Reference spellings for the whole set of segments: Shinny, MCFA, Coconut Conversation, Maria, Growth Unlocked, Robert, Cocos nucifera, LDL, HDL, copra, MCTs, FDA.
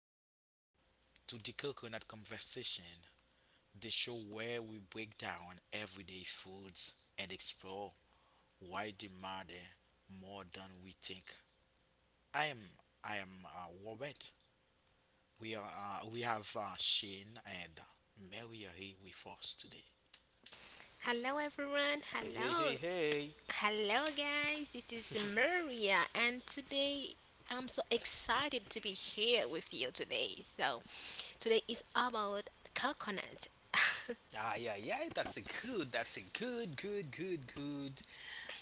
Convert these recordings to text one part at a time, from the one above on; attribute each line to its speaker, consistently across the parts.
Speaker 1: everyone, to the Coconut Conversation, the show where we break down everyday foods and explore why they matter more than we think. I am I am Robert. We have Shane and Mary are here with us today.
Speaker 2: Hello, everyone.
Speaker 3: Hey, hey, hey,
Speaker 2: Hello.
Speaker 3: hey.
Speaker 2: Hello, guys. This is Maria, and today I'm so excited to be here with you today. So, today is about coconut.
Speaker 3: Ah, yeah, yeah, that's a good, that's a good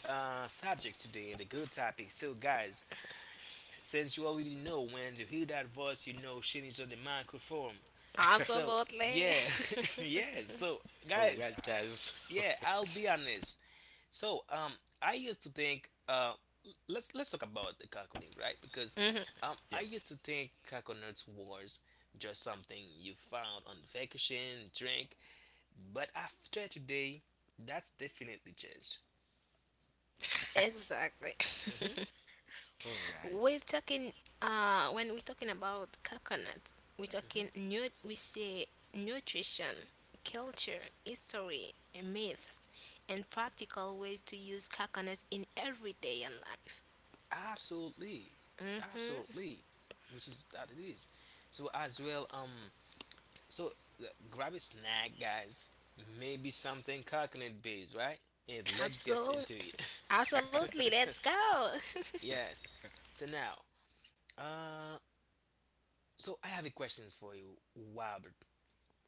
Speaker 3: subject today and a good topic. So, guys, since you already know when you hear that voice, you know she Shinny's on the microphone. So,
Speaker 2: Absolutely.
Speaker 3: yeah, yeah, so,
Speaker 1: All
Speaker 3: guys,
Speaker 1: right,
Speaker 3: uh,
Speaker 1: guys.
Speaker 3: yeah,
Speaker 1: Okay.
Speaker 3: I'll be honest. So I used to think, let's talk about the coconut, right? Because
Speaker 2: Mhm,
Speaker 1: Yeah.
Speaker 3: I used to think coconuts was just something you found on vacation, drink, but after today, that's definitely changed.
Speaker 2: exactly.
Speaker 3: Hmm
Speaker 1: All
Speaker 2: We're
Speaker 1: right.
Speaker 2: talking when we're talking about coconut, we're talking
Speaker 3: hmm
Speaker 2: we say nutrition, culture, history, myths, and practical ways to use coconut in everyday in life.
Speaker 3: Absolutely,
Speaker 2: Mm-hmm.
Speaker 3: absolutely, which is that it is. So as well, so uh, grab a snack, guys. Maybe something coconut based, right? And let's get into
Speaker 2: Absolutely. Absolutely.
Speaker 3: it.
Speaker 2: Let's go.
Speaker 3: Yes. So now, uh, I have a questions for you, Robert.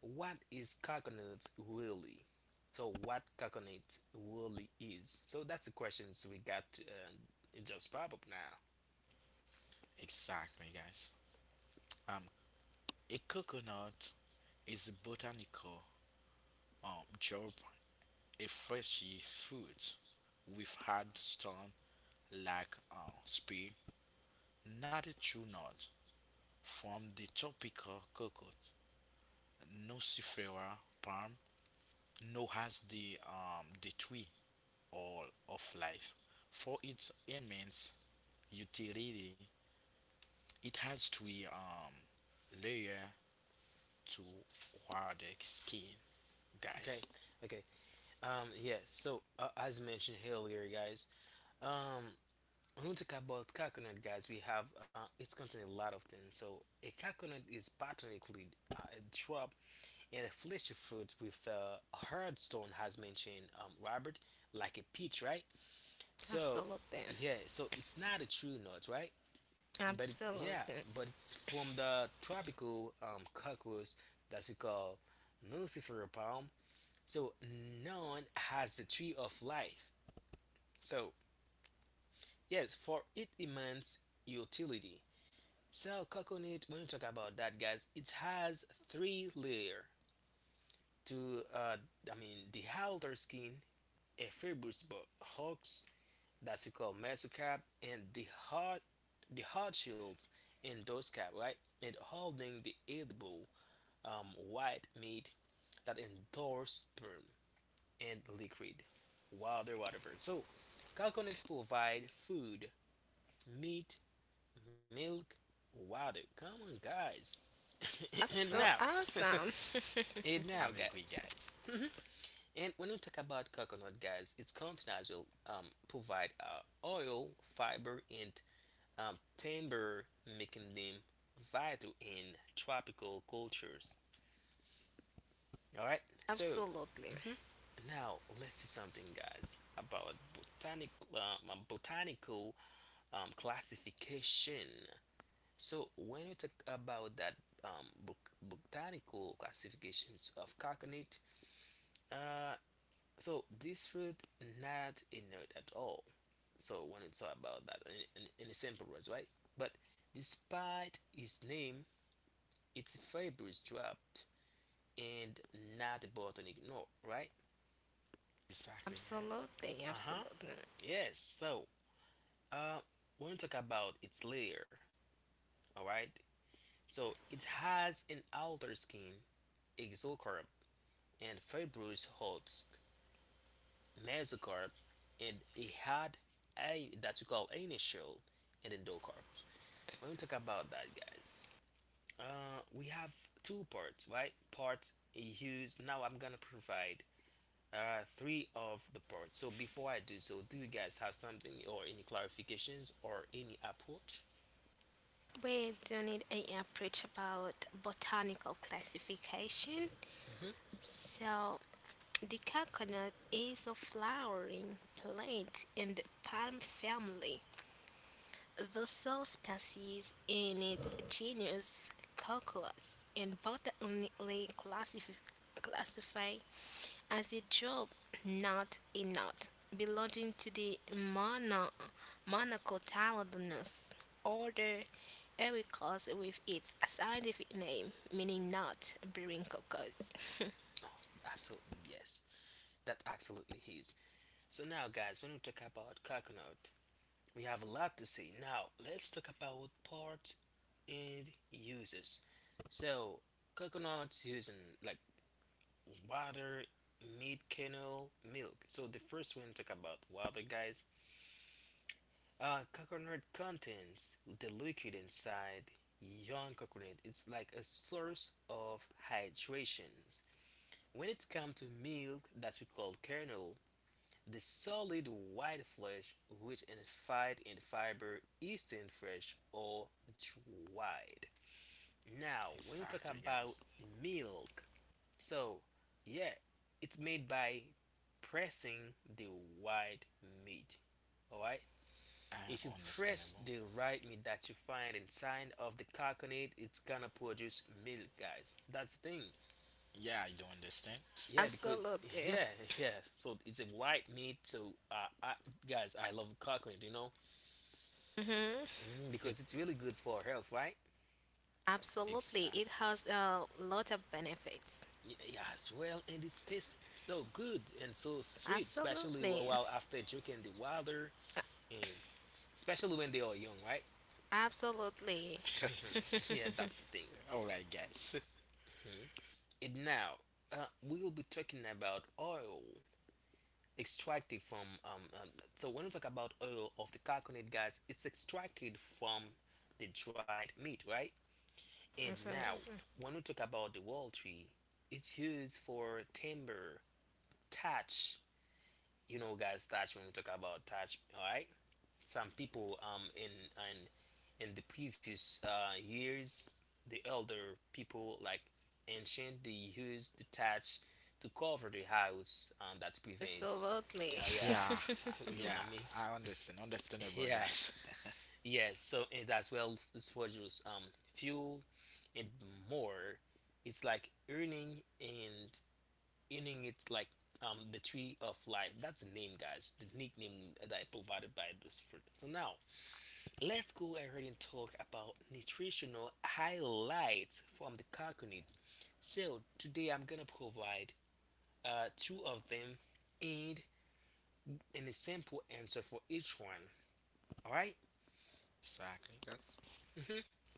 Speaker 3: What is coconut really? So what coconut really is? So that's the questions we got. It just pop up now.
Speaker 1: Exactly, guys. Um, a coconut is a botanical job, a freshy fruit with hard stone like spear, not a true nut from the tropical cocoa, nocifera palm, known as the the tree all of life. For its immense utility, it has three layer to hard skin,
Speaker 3: Okay,
Speaker 1: guys.
Speaker 3: okay. Yeah. So as mentioned earlier, guys. Um, when we talk about coconut, guys, we have it's contain a lot of things. So a coconut is botanically a shrub and a fleshy fruit with hard stone, as mentioned, Robert, like a peach, right? So
Speaker 2: Absolutely.
Speaker 3: yeah, so it's not a true nut, right? But it, yeah,
Speaker 2: Absolutely.
Speaker 3: but it's from the tropical cockroach that we call nucifer palm. So none has the tree of life. So yes, for its immense utility. So coconut, when we talk about that, guys, it has three layer to I mean the outer skin, a hulks that we call mesocap, and the hard shields in those, right? And holding the edible white meat that endorse sperm and liquid, water, whatever. So, coconuts provide food, meat, milk, water. Come on, guys.
Speaker 2: That's
Speaker 3: and now,
Speaker 2: so
Speaker 1: Exactly.
Speaker 2: awesome.
Speaker 3: and now,
Speaker 1: I'm agree,
Speaker 3: guys.
Speaker 1: guys.
Speaker 3: And when we talk about coconut, guys, its content as well provide oil, fiber, and timber, making them vital in tropical cultures. All right. So,
Speaker 2: Absolutely.
Speaker 3: now let's see something, guys, about botanical classification. So when we talk about that um, bo- botanical classifications of coconut, uh, so this fruit not a nut at all. So when we talk about that in a simple words, right? But despite its name, its fiber is dropped and not a botanic nut, right?
Speaker 1: Exactly, guys.
Speaker 2: Absolutely.
Speaker 3: Uh huh.
Speaker 2: Absolutely.
Speaker 3: Yes. So Uh, when we talk about its layer, all right, so it has an outer skin, exocarp, and fibrous husk, mesocarp, and it had a that we call initial and endocarp. When we talk about that, guys, we have two parts, right? Part used. Now I'm gonna provide three of the parts. So before I do so, do you guys have something or any clarifications or any approach?
Speaker 2: We do need a approach about botanical classification.
Speaker 3: Mhm.
Speaker 2: So the coconut is a flowering plant in the palm family. The sole species in its genus Calculus, and both are uniquely classified as a job, not a nut belonging to the monocotyledonous order Ericos with its scientific name, meaning nut bearing cocos.
Speaker 3: Absolutely, yes. That absolutely is. So now, guys, when we talk about coconut, we have a lot to say. Now, let's talk about parts and uses. So, coconuts using like water, meat, kernel, milk. So the first one talk about water, guys. Coconut contains the liquid inside young coconut. It's like a source of hydration. When it comes to milk, that we call kernel, the solid white flesh, rich in fat and fiber, eaten fresh or dried. Now, when we talk
Speaker 1: Exactly, guys.
Speaker 3: about milk, so yeah, it's made by pressing the white meat. Alright?
Speaker 1: I
Speaker 3: If you press
Speaker 1: understandable.
Speaker 3: the right meat that you find inside of the coconut, it's gonna produce milk, guys. That's the thing.
Speaker 1: Yeah, I do understand.
Speaker 3: Yeah, because
Speaker 2: Absolutely.
Speaker 3: yeah, yeah. So it's a white meat. So I, guys, I love coconut. You know,
Speaker 2: Hmm.
Speaker 3: mm, because it's really good for health, right?
Speaker 2: Absolutely. It
Speaker 1: Exactly.
Speaker 2: has a lot of benefits.
Speaker 3: Y- Yes, well, and it tastes so good and so sweet, especially
Speaker 2: Absolutely.
Speaker 3: while after drinking the water, and especially when they are young, right?
Speaker 2: Absolutely.
Speaker 3: hmm Yeah, that's the thing.
Speaker 1: All right, guys.
Speaker 3: Mhm. And now, we will be talking about oil extracted from. So when we talk about oil of the coconut, guys, it's extracted from the dried meat, right? And now,
Speaker 1: Ex-
Speaker 2: Mhm.
Speaker 3: when we talk about the wall tree, it's used for timber touch. You know, guys, touch when we talk about touch. All right, some people in and in in the previous years, the elder people like ancient they used the touch to cover the house that prevent.
Speaker 2: Absolutely.
Speaker 3: Yeah, yeah,
Speaker 1: Yeah,
Speaker 3: you know what
Speaker 1: yeah,
Speaker 3: I mean.
Speaker 1: I understand. Understandable,
Speaker 3: Yeah,
Speaker 1: guys.
Speaker 3: yes. So and as well, it's for just fuel and more. It's like earning and inning it's like the tree of life, that's the name guys, the nickname that I provided by this fruit. So now let's go ahead and talk about nutritional highlights from the coconut. So today I'm gonna provide two of them and a simple answer for each one, all right.
Speaker 1: Exactly. Yes.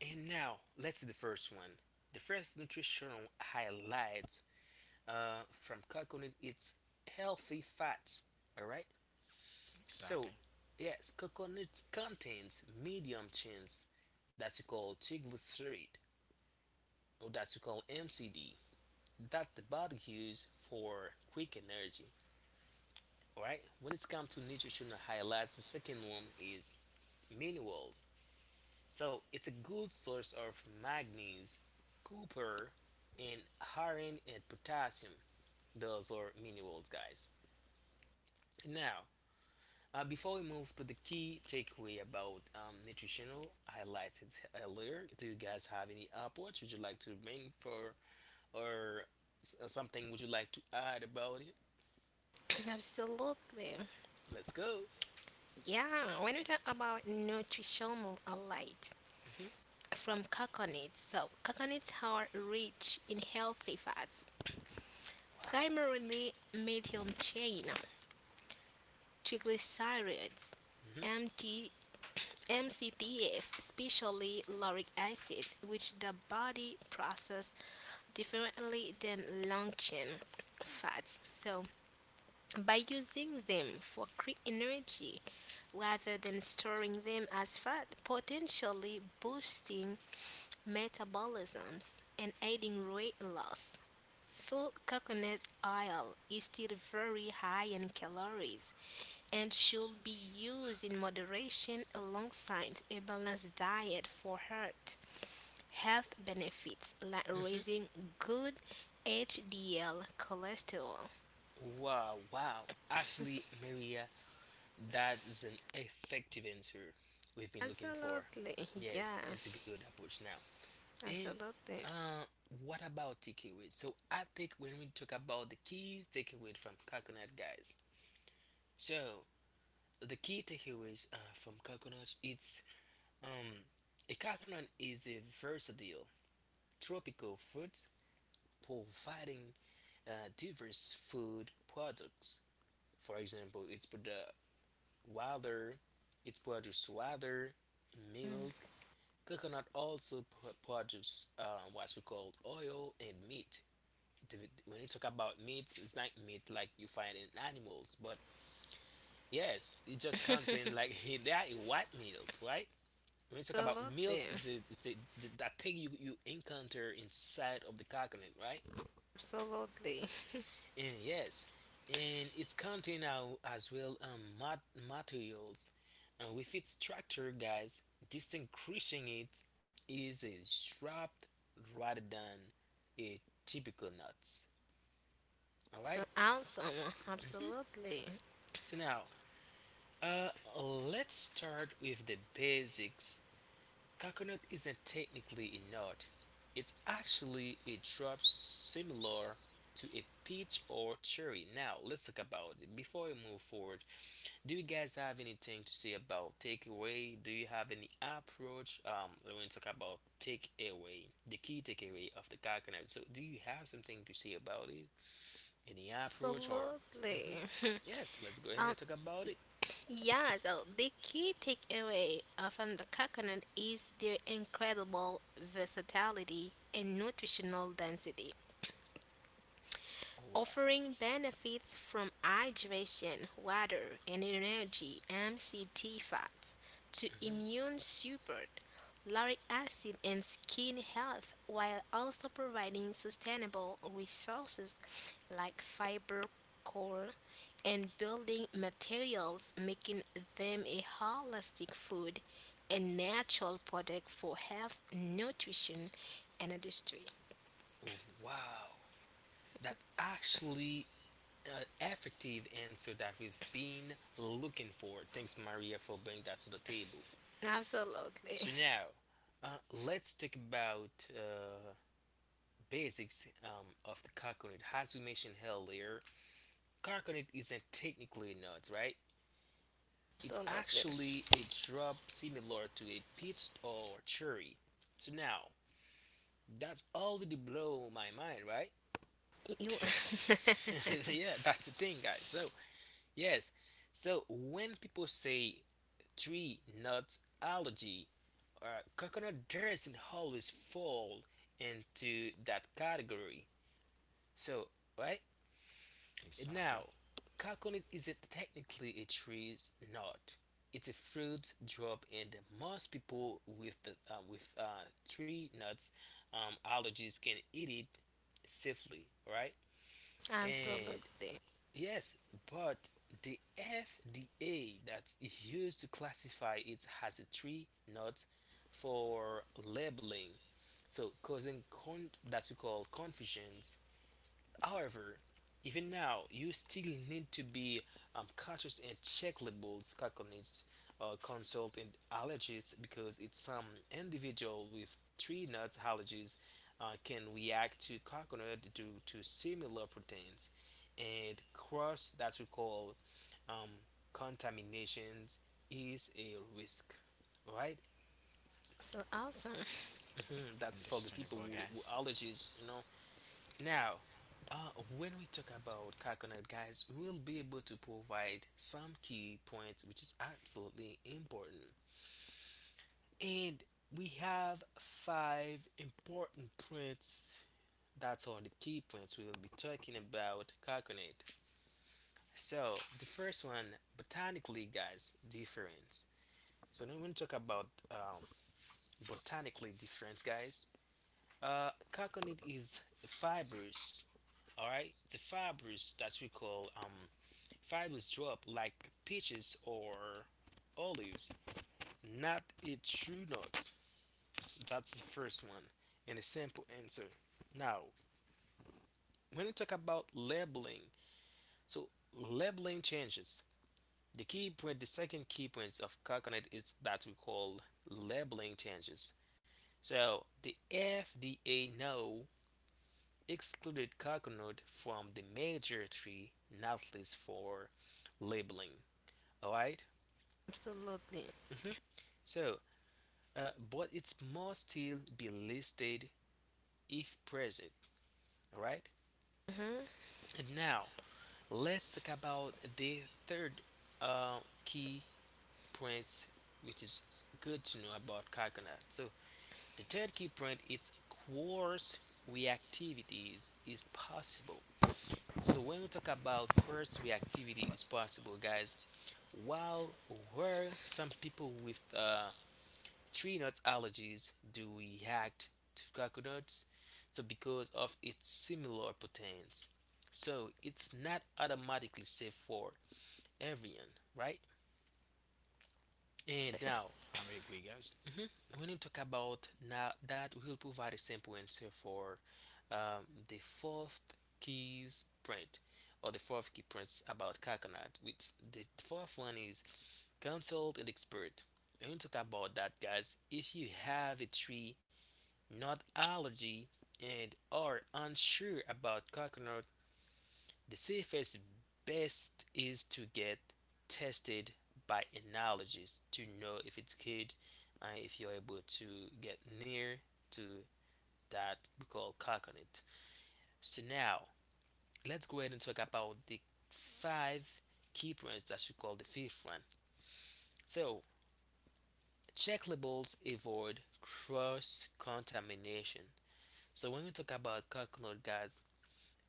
Speaker 3: And now let's see the first one, the first nutritional highlight from coconut, it's healthy fats, all right. So,
Speaker 1: Exactly.
Speaker 3: yes, coconut contains medium chains that you call triglyceride or that you call MCD that the body uses for quick energy. Alright, when it's come to nutritional highlights, the second one is minerals. So, it's a good source of manganese, copper, and iron and potassium. Those are minerals, guys. Now, before we move to the key takeaway about nutritional highlighted earlier, do you guys have any upwards? Would you like to bring for or something? Would you like to add about it?
Speaker 2: Absolutely.
Speaker 3: Let's go.
Speaker 2: Yeah, when we talk about nutritional alight
Speaker 3: Hmm
Speaker 2: from coconuts, so coconuts are rich in healthy fats,
Speaker 3: Wow.
Speaker 2: primarily medium chain, triglycerides,
Speaker 3: hmm
Speaker 2: MT, MCTs, especially lauric acid, which the body process differently than long chain fats. So by using them for quick energy rather than storing them as fat, potentially boosting metabolisms and aiding weight loss. Though coconut oil is still very high in calories and should be used in moderation alongside a balanced diet for heart health benefits like
Speaker 3: hmm
Speaker 2: raising good HDL cholesterol.
Speaker 3: Wow. Wow. Actually, Maria, that's an effective answer we've been looking for.
Speaker 2: Absolutely,
Speaker 3: Yes,
Speaker 2: yeah.
Speaker 3: it's a good approach now. And
Speaker 2: Absolutely.
Speaker 3: uh, what about takeaway? So I think when we talk about the keys takeaway from coconut guys, so the key takeaways from coconut it's um, a coconut is a versatile tropical fruit providing diverse food products. For example, water, it's produce water, milk.
Speaker 2: Mm.
Speaker 3: Coconut also produce what we call oil and meat. The- When you talk about meat, it's not meat like you find in animals, but yes, it just contain like they are a white meat, right? When we talk about milk,
Speaker 2: Absolutely.
Speaker 3: it's a that thing you encounter inside of the coconut, right?
Speaker 2: Absolutely.
Speaker 3: And yes, and it's contain out as well materials, and with its structure, guys, distinguishing it is a shrubs rather than a typical nuts. All right.
Speaker 2: So awesome. Absolutely.
Speaker 3: So now, uh, let's start with the basics. Coconut isn't technically a nut. It's actually a drop similar to a peach or cherry. Now, let's talk about it. Before we move forward, do you guys have anything to say about takeaway? Do you have any approach? When we talk about takeaway, the key takeaway of the coconut. So, do you have something to say about it? Any approach or?
Speaker 2: Absolutely.
Speaker 3: Hmm Yes, let's go
Speaker 2: um
Speaker 3: ahead and talk about it.
Speaker 2: yeah, so the key takeaway from the coconut is their incredible versatility and nutritional density.
Speaker 3: Oh, wow.
Speaker 2: Offering benefits from hydration, water, and energy (MCT fats) to
Speaker 3: hmm
Speaker 2: immune support, lauric acid, and skin health, while also providing sustainable resources like fiber, core, and building materials, making them a holistic food and natural product for health, nutrition, and industry.
Speaker 3: Wow. That actually effective answer that we've been looking for. Thanks, Maria, for bringing that to the table. So
Speaker 2: Absolutely.
Speaker 3: now, let's talk about basics of the coconut. As we mentioned earlier, coconut isn't technically a nut, right? It's
Speaker 2: Absolutely.
Speaker 3: actually a drop similar to a peach or cherry. So now, that's already blow my mind, right?
Speaker 2: You
Speaker 3: Yeah, that's the thing, guys. So yes, so when people say tree nut allergy or coconut doesn't always fall into that category. So, right?
Speaker 1: exactly.
Speaker 3: Now, coconut isn't technically a tree's nut. It's a fruit drop, and most people with the with tree nuts allergies can eat it safely, right? And
Speaker 2: absolutely
Speaker 3: yes, but the FDA that is used to classify it has a tree nut for labeling, so causing that we call confusions. However, even now, you still need to be cautious and check labels, caconists, consult an allergist because it's some individual with tree nuts allergies can react to coconut due to similar proteins and cross that we call um, contaminations is a risk, right?
Speaker 2: so awesome.
Speaker 3: Mhm, that's for the
Speaker 1: Understandable,
Speaker 3: people who
Speaker 1: guys.
Speaker 3: allergies, you know, now, when we talk about coconut, guys, we'll be able to provide some key points, which is absolutely important. And we have 5 important points. That's all the key points we will be talking about coconut. So the first one, botanically, guys, difference. So now when we talk about botanically difference, guys, coconut is fibrous. All right, it's a fibrous that we call fibers drop like peaches or olives, not its true nuts. That's the first one and a simple answer. Now, when we talk about labeling, so labeling changes. The key point, the second key point of coconut is that we call labeling changes. So the FDA now excluded coconut from the major tree nut list for labeling. All right.
Speaker 2: Absolutely.
Speaker 3: So but it must still be listed if present. All right.
Speaker 2: Hmm.
Speaker 3: And now let's talk about the third uh, key point, which is good to know about coconut. So the third key point is coarse reactivities is possible. So when we talk about coarse reactivity is possible, guys. While where some people with tree nuts allergies do react to coconuts, so because of its similar proteins, so it's not automatically safe for everyone, right? And now
Speaker 1: I'm agree, guys.
Speaker 3: when you talk about, now that we will provide a simple answer for the fourth keys print or the fourth key prints about coconut, which the fourth one is consult an expert. And we talk about that, guys, if you have a tree not allergy, and are unsure about coconut, the safest best is to get tested by allergist to know if it's good, and if you're able to get near to that we call coconut. So now let's go ahead and talk about the five key points that we call the fifth one. So check labels avoid cross contamination. So when we talk about coconut, guys,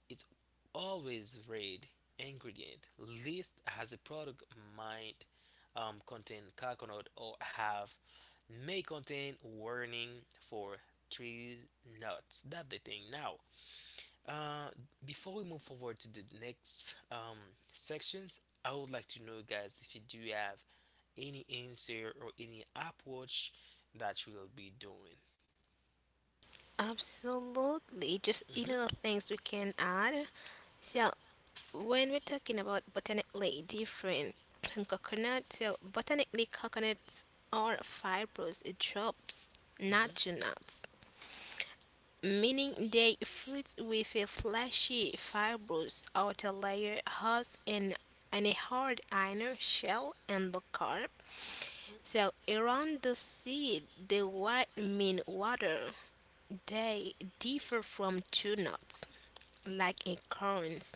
Speaker 3: it's always read ingredient list as a product might contain coconut or have may contain warning for tree nuts. That's the thing now. uh, Before we move forward to the next sections, I would like to know, guys, if you do have any answer or any approach that you will be doing.
Speaker 2: Absolutely. Just
Speaker 3: Hmm.
Speaker 2: little things we can add. So when we're talking about botanically different from coconut, so botanically coconuts are fibrous drops, not two nuts, meaning they fruit with a fleshy, fibrous outer layer has an, and a hard inner shell and the carp. So around the seed, the white mean water. They differ from two nuts like a current,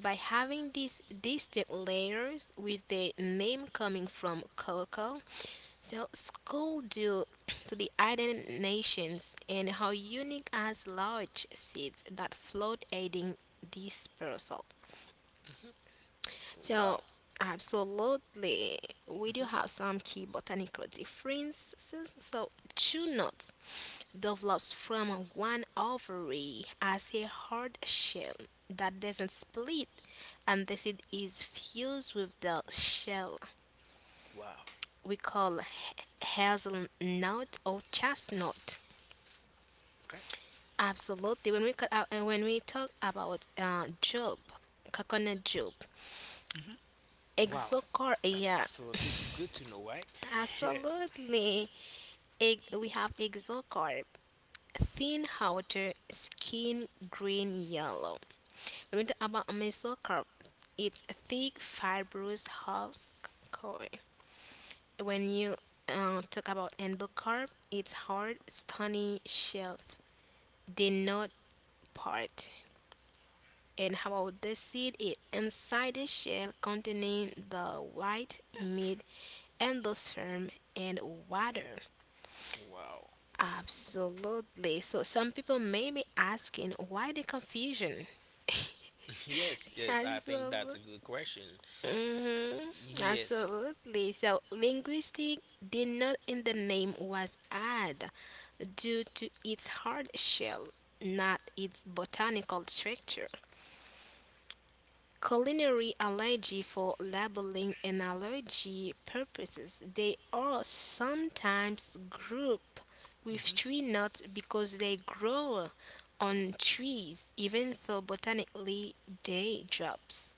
Speaker 2: by having these distinct layers with the name coming from Coco, so school due to the island nations and how unique as large seeds that float aiding dispersal.
Speaker 3: Mhm.
Speaker 2: So,
Speaker 3: Wow.
Speaker 2: absolutely, we do
Speaker 3: Mhm.
Speaker 2: have some key botanical differences. So, true nut develops from one ovary as a hard shell that doesn't split, and the seed is fused with the shell
Speaker 3: Wow.
Speaker 2: we call hazelnut or chestnut.
Speaker 3: Okay.
Speaker 2: Absolutely. When we talk about job, coconut job,
Speaker 3: Wow.
Speaker 2: exocarp.
Speaker 3: That's
Speaker 2: Yeah,
Speaker 3: absolutely too good to know, right? Yeah.
Speaker 2: absolutely. Egg, we have exocarp, thin outer skin green yellow. When we talk about mesocarp, it's a thick fibrous husk core. When you talk about endocarp, it's hard, stony shell. The not part. And how about the seed? It inside the shell containing the white meat, endosperm, and water.
Speaker 3: Wow.
Speaker 2: Absolutely. So some people may be asking why the confusion.
Speaker 3: Yes. Yes. I think that's
Speaker 2: Absolutely.
Speaker 3: a good question.
Speaker 2: Mm-hmm.
Speaker 3: Yes.
Speaker 2: Absolutely. So linguistic did not in the name was added due to its hard shell, not its botanical structure. Culinary allergy for labeling and allergy purposes. They are sometimes grouped with tree nuts because they grow on trees, even though botanically they drops.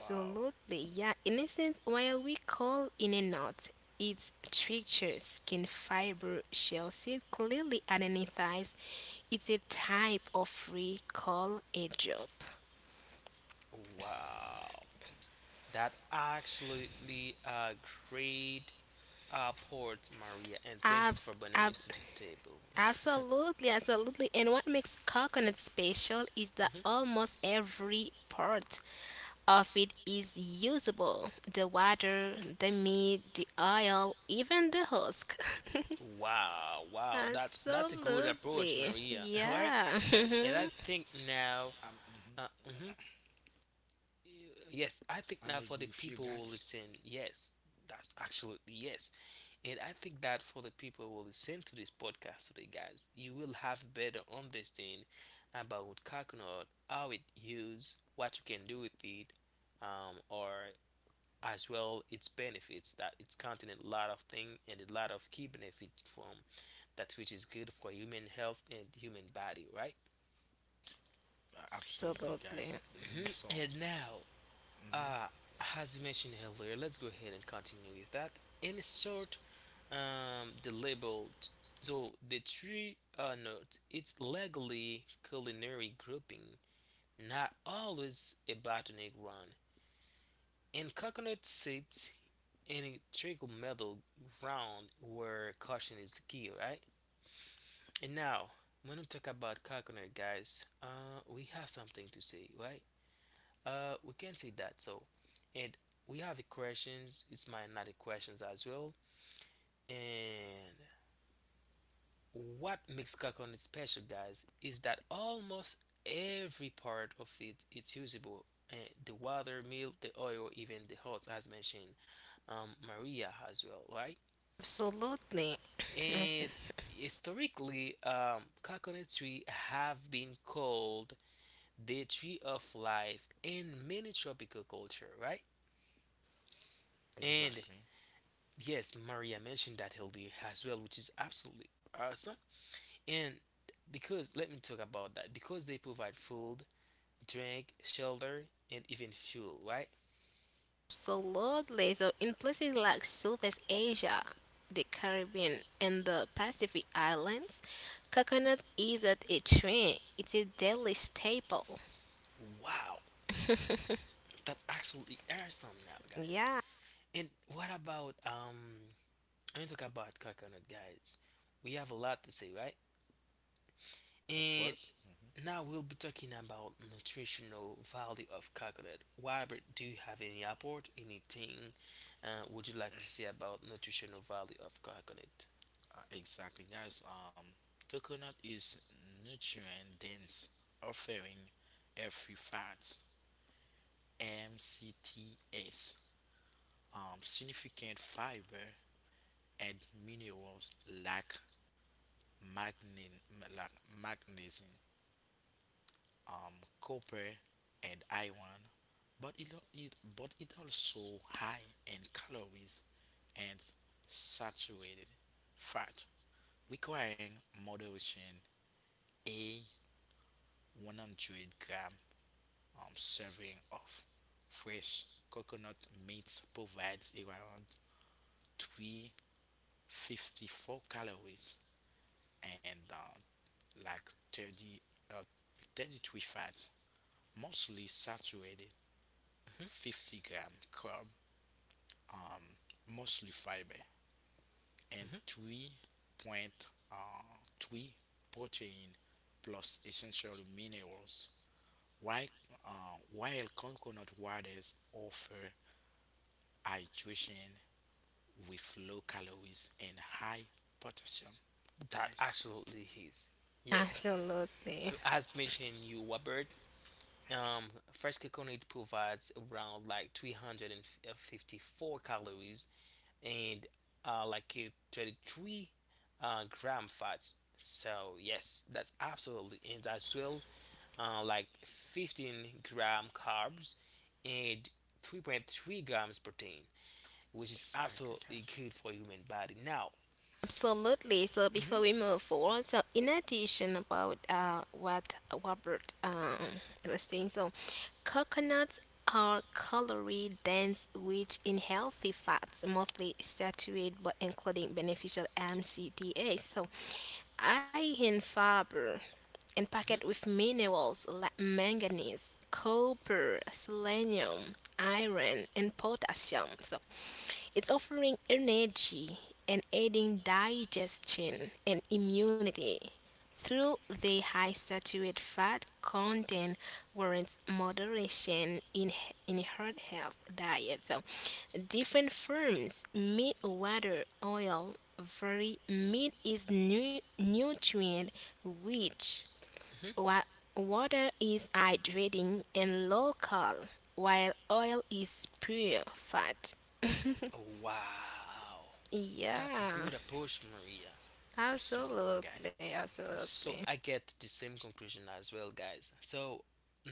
Speaker 3: Wow.
Speaker 2: yeah. In essence, while we call in a nut, its structure, skin fiber, shell seed clearly identifies it's a type of free call a drop.
Speaker 3: Wow. That actually a great port, Maria, and thank you
Speaker 2: Abs,
Speaker 3: for bringing it
Speaker 2: abs,
Speaker 3: to the table.
Speaker 2: Absolutely, absolutely. And what makes coconut special is that
Speaker 3: Mhm.
Speaker 2: almost every part of it is usable. The water, the meat, the oil, even the husk.
Speaker 3: Wow, wow, that's a good approach,
Speaker 2: Absolutely.
Speaker 3: Maria. Right?
Speaker 2: Yeah.
Speaker 3: And I think now,
Speaker 1: I'm. Hmm
Speaker 3: uh, mhm. yes, I think
Speaker 1: I'm
Speaker 3: now for
Speaker 1: agree
Speaker 3: the
Speaker 1: with you,
Speaker 3: people who
Speaker 1: guys.
Speaker 3: listen, yes, that's absolutely yes. And I think that for the people who will listen to this podcast today, guys, you will have a better understanding about coconut, how it used, what you can do with it, or as well its benefits that it's contain a lot of things and a lot of key benefits from that which is good for human health and human body, right?
Speaker 1: Absolutely, guys.
Speaker 2: Absolutely.
Speaker 3: Mhm.
Speaker 1: So.
Speaker 3: And now,
Speaker 1: hmm
Speaker 3: uh, as you mentioned earlier, let's go ahead and continue with that. In short, the label. So the tree note, it's legally culinary grouping, not always a botanic ground. And coconut seeds in a trickle metal ground where caution is the key, right? And now, when we talk about coconut, guys, we have something to say, right? We can say that. So, and we have a questions. It's my another questions as well. And what makes coconut special, guys, is that almost every part of it it's usable. Uh, the water, milk, the oil, even the husk, as mentioned, Maria as well, right?
Speaker 2: Absolutely. Yes.
Speaker 3: And historically, coconut tree have been called the tree of life in many tropical culture, right? And
Speaker 1: Exactly.
Speaker 3: yes, Maria mentioned that healthy as well, which is absolutely awesome. And because let me talk about that because they provide food drink, shelter, and even fuel, right?
Speaker 2: Absolutely. So, in places like Southeast Asia, the Caribbean, and the Pacific Islands, coconut isn't a trend, it's a daily staple.
Speaker 3: Wow, that's absolutely awesome now, guys.
Speaker 2: Yeah,
Speaker 3: And what about um? I'm gonna talk about coconut, guys. We have a lot to say, right?
Speaker 1: Of
Speaker 3: And
Speaker 1: course.
Speaker 3: now we'll be talking about nutritional value of coconut. Robert, do you have any apport, anything would you like to say about nutritional value of coconut?
Speaker 1: Exactly, guys. Coconut is nutrient dense, offering healthy fats (MCTs), significant fiber and minerals like magne- like magnesium, copper, and iron. But it, al- it but it also high in calories and saturated fat, requiring moderation. 100 gram serving of fresh coconut meat provides around 354 calories and like 30, uh, 33 fats, mostly saturated, 50-gram carb, um, mostly fiber, and
Speaker 3: Hmm.
Speaker 1: 3. Three protein plus essential minerals. While, while coconut waters offer hydration with low calories and high potassium,
Speaker 3: That
Speaker 1: guys.
Speaker 3: absolutely is. Yes.
Speaker 2: absolutely.
Speaker 3: So as mentioned you Robert, Um, fresh coconut provides around like 354 calories and 23 gram fats. So yes, that's absolutely, and as well 15-gram carbs and 3.3 grams protein, which is
Speaker 1: Exactly,
Speaker 3: absolutely
Speaker 1: guys.
Speaker 3: good for human body. Now,
Speaker 2: Absolutely. So before
Speaker 3: hmm
Speaker 2: we move forward, so in addition about what Robert was saying, so coconuts are calorie dense, rich in healthy fats, mostly saturated, but including beneficial MCTAs. So iron fiber and packed with minerals like manganese, copper, selenium, iron, and potassium. So it's offering energy and aiding digestion and immunity through the high saturated fat content warrants moderation in heart health diet, so different firms meat water oil very meat is nutrient rich.
Speaker 3: hmm
Speaker 2: Wa- Water is hydrating and local, while oil is pure fat.
Speaker 3: oh wow. That's a
Speaker 2: Yeah,
Speaker 3: good approach, Maria.
Speaker 1: Student board,
Speaker 2: absolutely,
Speaker 1: guys.
Speaker 3: So
Speaker 2: absolutely.
Speaker 3: I get the same conclusion as well, guys. So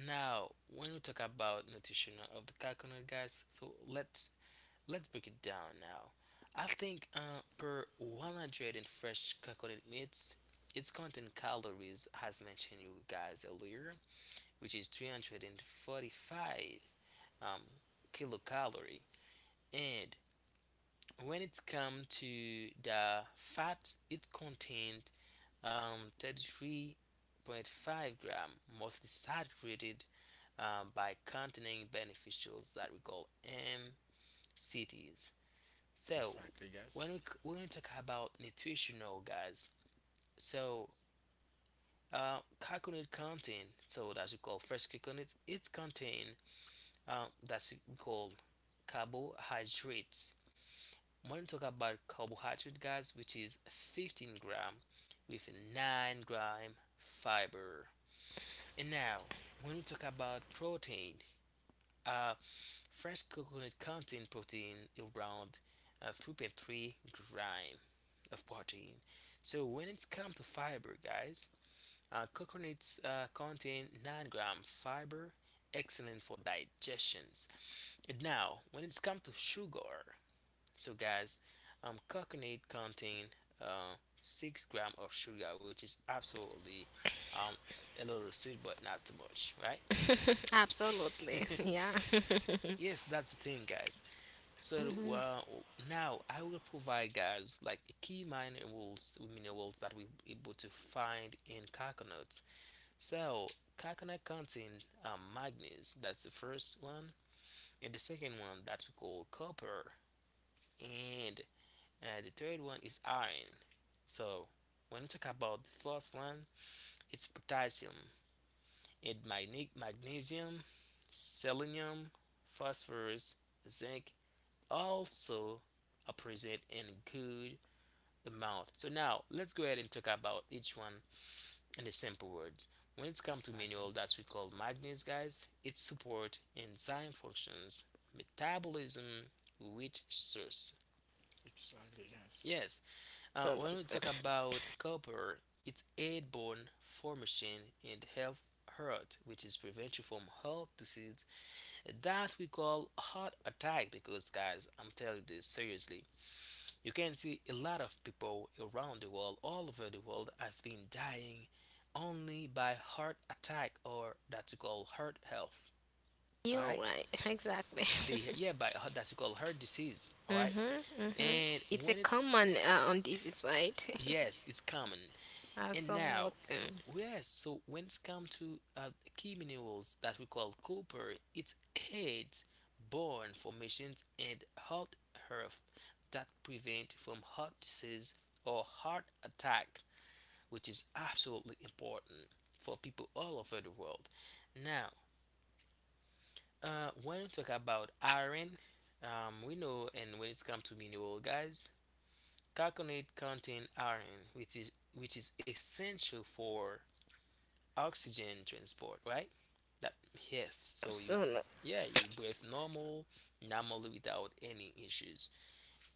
Speaker 3: now when we talk about nutrition of the coconut, guys, so let's break it down now. I think per 100 in fresh coconut meats, its content calories, as mentioned you guys earlier, which is 345 um, kilocalorie. And when it's come to the fats, it contains 33.5-gram, mostly saturated by containing beneficials that we call MCTs. So
Speaker 1: Exactly, guys.
Speaker 3: when when we talk about nutritional, guys, so coconut contain, so that's we call fresh coconut, it's contain that's we call carbohydrates. When we talk about carbohydrate, guys, which is 15-gram with 9-gram fiber. And now, when we talk about protein, uh, fresh coconut contains protein around 3.3 gram of protein. So when it's come to fiber, guys, coconuts contain 9-gram fiber, excellent for digestions. And now, when it's come to sugar, so guys, coconut contain 6 gram of sugar, which is absolutely um, a little sweet, but not too much,
Speaker 2: Absolutely,
Speaker 3: right?
Speaker 1: Exactly.
Speaker 2: yeah.
Speaker 3: Yes, that's the thing, guys. So now I will provide, guys, like key mining rules, minerals that we able to find in coconuts. So coconut contain manganese. That's the first one, and the second one that we call copper, and the third one is iron. So when we talk about the fourth one, it's potassium, and magnesium, selenium, phosphorus, zinc, also appreciate in good amount. So now let's go ahead and talk about each one in the simple words. When it's come to
Speaker 1: Exactly.
Speaker 3: mineral that we call manganese, guys, it support enzyme functions, metabolism, rich source.
Speaker 1: Exactly, guys.
Speaker 3: Yes, when we talk
Speaker 2: Absolutely.
Speaker 3: about copper, it's aid bone formation and health heart, which is prevention from heart disease that we call heart attack, because, guys, I'm telling you this seriously. You can see a lot of people around the world, all over the world, have been dying only by heart attack or that you call heart health. All
Speaker 2: You're
Speaker 3: right,
Speaker 2: right, exactly.
Speaker 3: the yeah, by that you call heart disease. All right,
Speaker 2: Mm-hmm, mm-hmm.
Speaker 3: and
Speaker 2: It's a
Speaker 3: when it's
Speaker 2: common on this is right.
Speaker 3: yes, it's common, and
Speaker 2: Absolutely,
Speaker 3: now, yes, so when it's come to key minerals that we call copper, it's aids bone formations and hot earth that prevent from heart disease or heart attack, which is absolutely important for people all over the world. Now, when we talk about iron, we know, and when it's come to mineral, guys, coconut contain iron, which is essential for oxygen transport, right? That yes. So you,
Speaker 2: absolutely,
Speaker 3: yeah, you breathe normal, normally without any issues.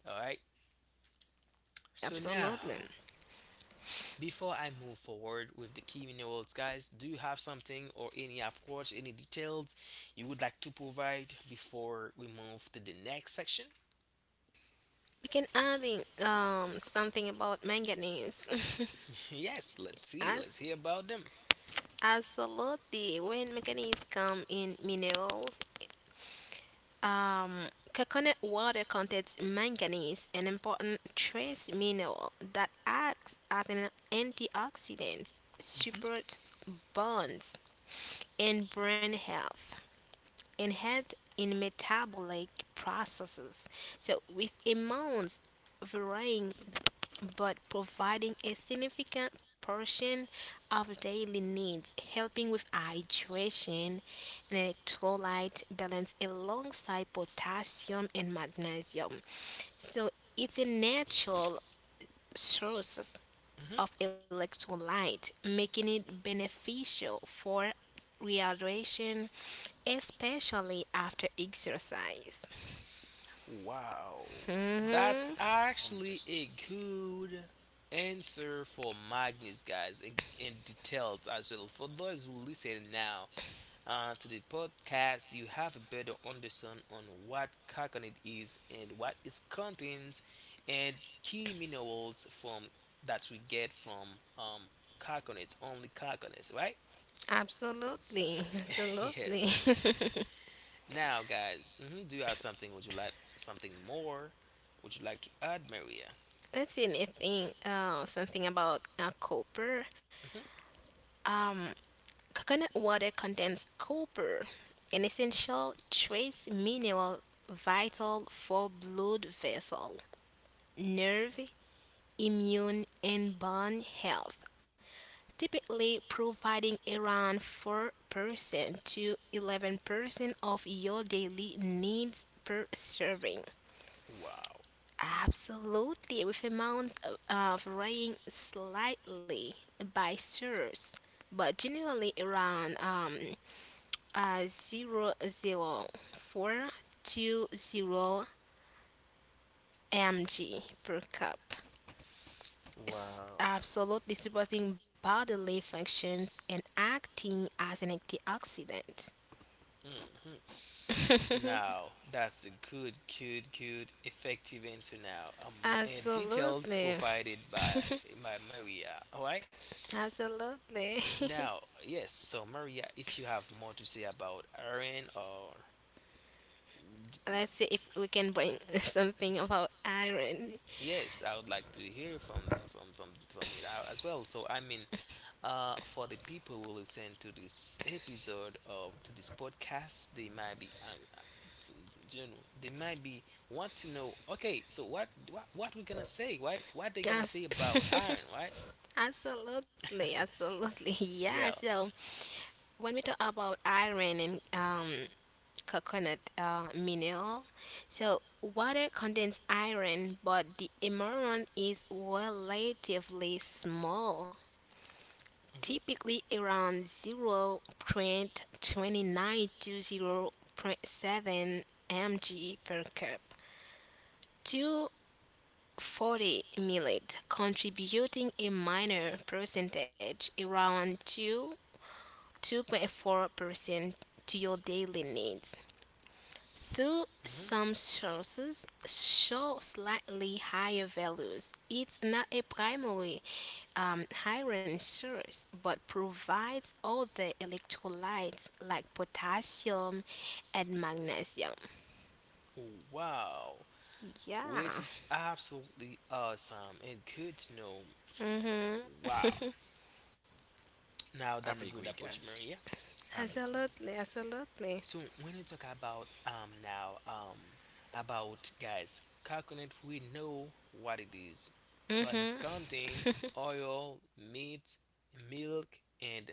Speaker 3: All right. So
Speaker 1: Exactly,
Speaker 3: now,
Speaker 2: absolutely.
Speaker 1: guys.
Speaker 3: before I move forward with the key minerals, guys, do you have something or any approach, any details you would like to provide before we move to the next section?
Speaker 2: You can add in something about manganese.
Speaker 3: Yes. Let's see.
Speaker 2: Yes,
Speaker 3: Let's hear about them.
Speaker 2: absolutely. When manganese come in minerals, um, coconut water contains manganese, an important trace mineral that acts as an antioxidant, supports bonds and brain health, and head in metabolic processes. So with amounts varying but providing a significant portion of daily needs, helping with hydration and electrolyte balance alongside potassium and magnesium. So it's a natural source
Speaker 3: Mhm.
Speaker 2: of electrolyte, making it beneficial for rehydration, especially after exercise.
Speaker 3: Wow,
Speaker 1: Oh,
Speaker 3: that's
Speaker 2: Mhm.
Speaker 3: actually
Speaker 1: understood.
Speaker 3: a good answer for Magnus, guys, and details as well. For those who listen now to the podcast, you have a better understand on what coconut is and what it contains, and key minerals from that we get from coconuts, only coconuts, right?
Speaker 2: Absolutely,
Speaker 1: Exactly, guys.
Speaker 2: absolutely.
Speaker 3: Yes. Now, guys, do you have something? Would you like something more? Would you like to add, Maria?
Speaker 2: Let's see anything, something about copper.
Speaker 3: Hmm.
Speaker 2: Um, Coconut water contains copper, an essential trace mineral vital for blood vessel, nerve, immune, and bone health, typically providing around 4% to 11% of your daily needs per serving.
Speaker 3: Wow.
Speaker 2: Absolutely, with amounts of, varying slightly by source, but generally around 0.0420 mg per cup. It's
Speaker 3: Wow.
Speaker 2: absolutely supporting bodily functions and acting as an antioxidant.
Speaker 3: Hmm. Now, that's a good, good, good, effective answer now. And details
Speaker 2: Absolutely,
Speaker 3: provided by Maria. All right.
Speaker 2: absolutely.
Speaker 3: Now, yes. So, Maria, if you have more to say about Aaron or d-
Speaker 2: Let's see if we can bring something about iron.
Speaker 3: yes, I would like to hear from it out as well. So, I mean, for the people who listen to this episode of to this podcast, they might be, t- you know, they might be want to know. Okay, so what we gonna say? Right? What they gonna
Speaker 2: Yes.
Speaker 3: say about iron? Right?
Speaker 2: Absolutely, absolutely. Yeah,
Speaker 3: Yeah.
Speaker 2: so when we talk about iron and coconut mineral, so water contains iron, but the amount is relatively small,
Speaker 3: hmm
Speaker 2: typically around 0.29 to zero point 0.7 mg per cup. 240 millet, contributing a minor percentage around 2 2.4% to your daily needs, though
Speaker 3: hmm
Speaker 2: some sources show slightly higher values. It's not a primary iron source, but provides all the electrolytes like potassium and magnesium.
Speaker 3: Wow, which
Speaker 2: Yeah,
Speaker 3: is absolutely awesome and good to know.
Speaker 2: Mm,
Speaker 3: Wow, now
Speaker 1: I'm
Speaker 3: that's a
Speaker 1: agree,
Speaker 3: good approach,
Speaker 1: guys.
Speaker 3: Maria.
Speaker 1: I'm agree.
Speaker 2: absolutely, absolutely.
Speaker 3: So when you talk about now about, guys, coconut, we know what it is, what it's
Speaker 2: Mm-hmm.
Speaker 3: contain: oil, meat, milk, and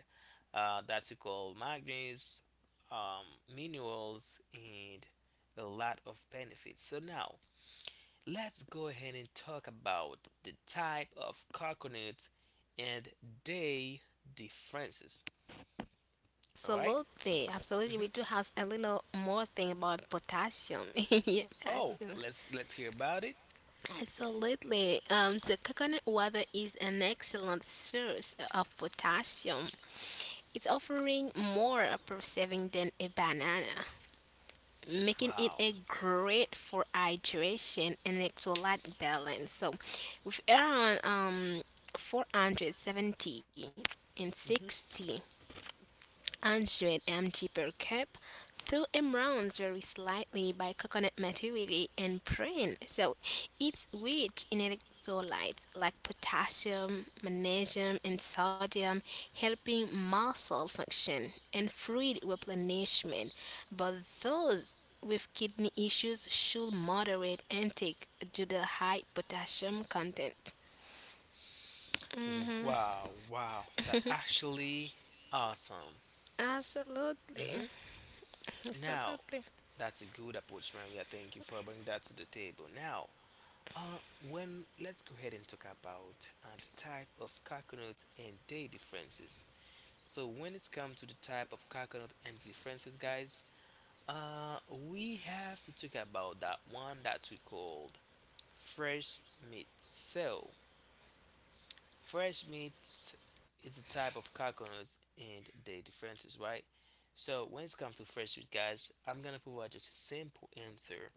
Speaker 3: that's called manganese, um, minerals, and a lot of benefits. So now let's go ahead and talk about the type of coconut and their differences. All right.
Speaker 2: Absolutely, absolutely. We
Speaker 3: Mm-hmm.
Speaker 2: do have a little more thing about potassium. Yes.
Speaker 3: Oh, let's hear about it.
Speaker 2: Absolutely. The coconut water is an excellent source of potassium. It's offering more per serving than a banana, making it
Speaker 3: Wow.
Speaker 2: a great for hydration and electrolyte balance. So, with around 470 and
Speaker 3: Mhm.
Speaker 2: 60 100 mg per cup. Fill and rounds very slightly by coconut material and prune. So it's rich in electrolytes like potassium, magnesium, and sodium, helping muscle function and fluid replenishment. But those with kidney issues should moderate intake due to the high potassium content.
Speaker 3: Wow. Wow. That actually awesome.
Speaker 2: Absolutely.
Speaker 3: Hmm. Now
Speaker 2: Absolutely.
Speaker 3: that's a good approach, Maria. Thank you for bringing that to the table. Now, when let's go ahead and talk about the type of coconuts and their differences. So when it's come to the type of coconut and differences, guys, we have to talk about that one that we called fresh meat. So, fresh meat is a type of coconuts and the differences, right? So, when it comes to fresh meat, guys, I'm gonna provide just a simple answer,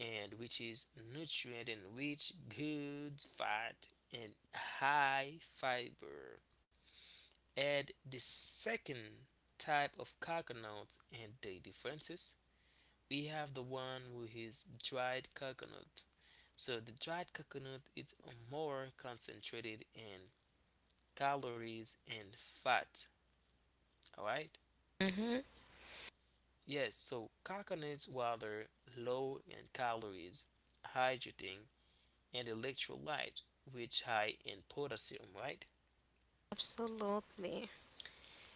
Speaker 3: and which is nutrient and rich, good fat, and high fiber. Add the second type of coconuts and the differences we have the one with his dried coconut. So the dried coconut it's more concentrated in calories and fat. All right.
Speaker 2: Hmm.
Speaker 3: Yes. So coconuts while they're low in calories, hydrating and electrolyte, which high in potassium. Right.
Speaker 2: Absolutely.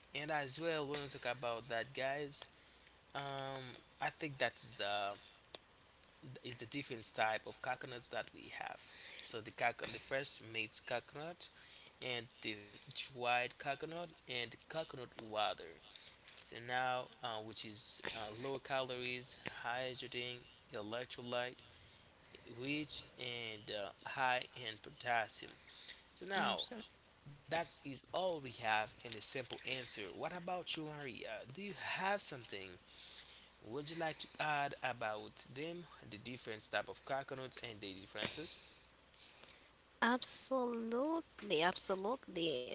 Speaker 3: And as well, when we talk about that, guys, um, I think that's the is the different type of coconuts that we have. So the coconut, the first mixed coconut, and the dried coconut and coconut water. So now, which is low calories, high hydrogen, electrolyte, rich and high in potassium. So now.
Speaker 2: Absolutely.
Speaker 3: That is all we have in a simple answer. What about you, Maria? Do you have something would you like to add about them, the different type of coconuts and the differences?
Speaker 2: Absolutely, absolutely.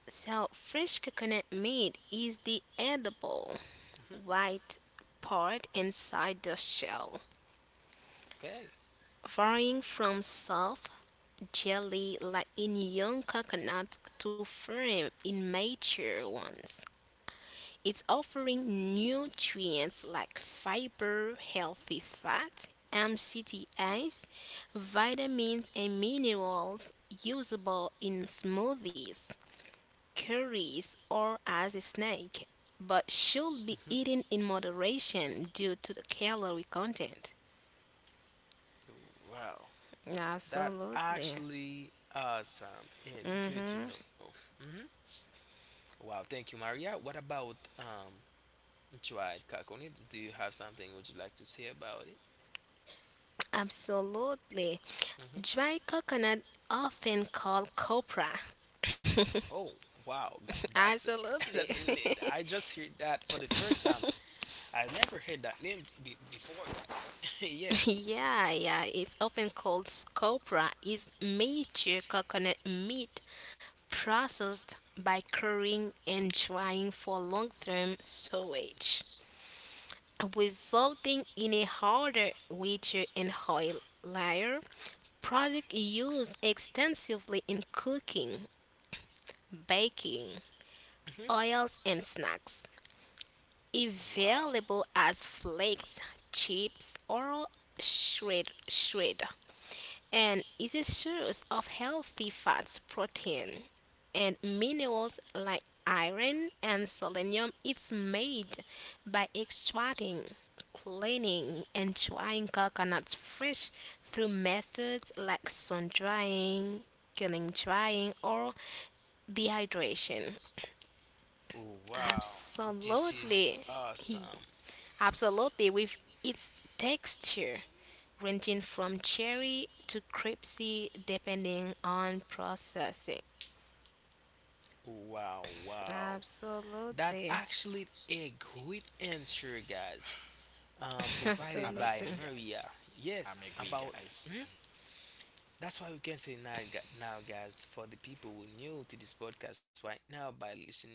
Speaker 2: So, fresh coconut meat is the edible
Speaker 3: Hmm
Speaker 2: white part inside the shell,
Speaker 3: Okay.
Speaker 2: varying from soft jelly like in young coconut to firm in mature ones. It's offering nutrients like fiber, healthy fat, MCTAs, vitamins, and minerals usable in smoothies, curries or as a snack, but should be
Speaker 3: hmm
Speaker 2: eaten in moderation due to the calorie content.
Speaker 3: Wow, that
Speaker 2: Absolutely.
Speaker 3: actually awesome and good to
Speaker 2: Hmm.
Speaker 3: know. Hmm Wow, thank you, Maria. What about dried coconuts? Do you have something would you like to say about it?
Speaker 2: Absolutely.
Speaker 3: Hmm
Speaker 2: Dry coconut, often called copra.
Speaker 3: Oh, wow, that, that's that's
Speaker 2: Absolutely.
Speaker 3: I just heard that for the first time. I never heard that name before, guys. Yes.
Speaker 2: Yeah, yeah. It's often called copra. Is mature coconut meat processed by curing and drying for long-term storage, resulting in a harder, richer, and oil layer. Product used extensively in cooking, baking,
Speaker 3: hmm
Speaker 2: oils, and snacks.
Speaker 3: Wow.
Speaker 2: Available as flakes, chips, or shred and is a source of healthy fats, protein, and minerals like iron and selenium. It's made by extracting, cleaning, and drying coconuts fresh through methods like sun drying, killing drying, or dehydration.
Speaker 3: Wow. This is
Speaker 2: Absolutely.
Speaker 3: awesome.
Speaker 2: Absolutely. With its texture ranging from cherry to crepesy depending on processing.
Speaker 3: Wow, wow. That
Speaker 2: Absolutely.
Speaker 3: actually a great answer, guys.
Speaker 1: I'm
Speaker 3: Provided
Speaker 1: agree,
Speaker 3: by
Speaker 2: Absolutely.
Speaker 1: guys.
Speaker 3: Maria.
Speaker 1: I'm
Speaker 3: Yes,
Speaker 1: agree,
Speaker 3: about.
Speaker 1: guys.
Speaker 3: Mhm. That's why we can say now, now, guys, for the people who new to this podcast right now by listening.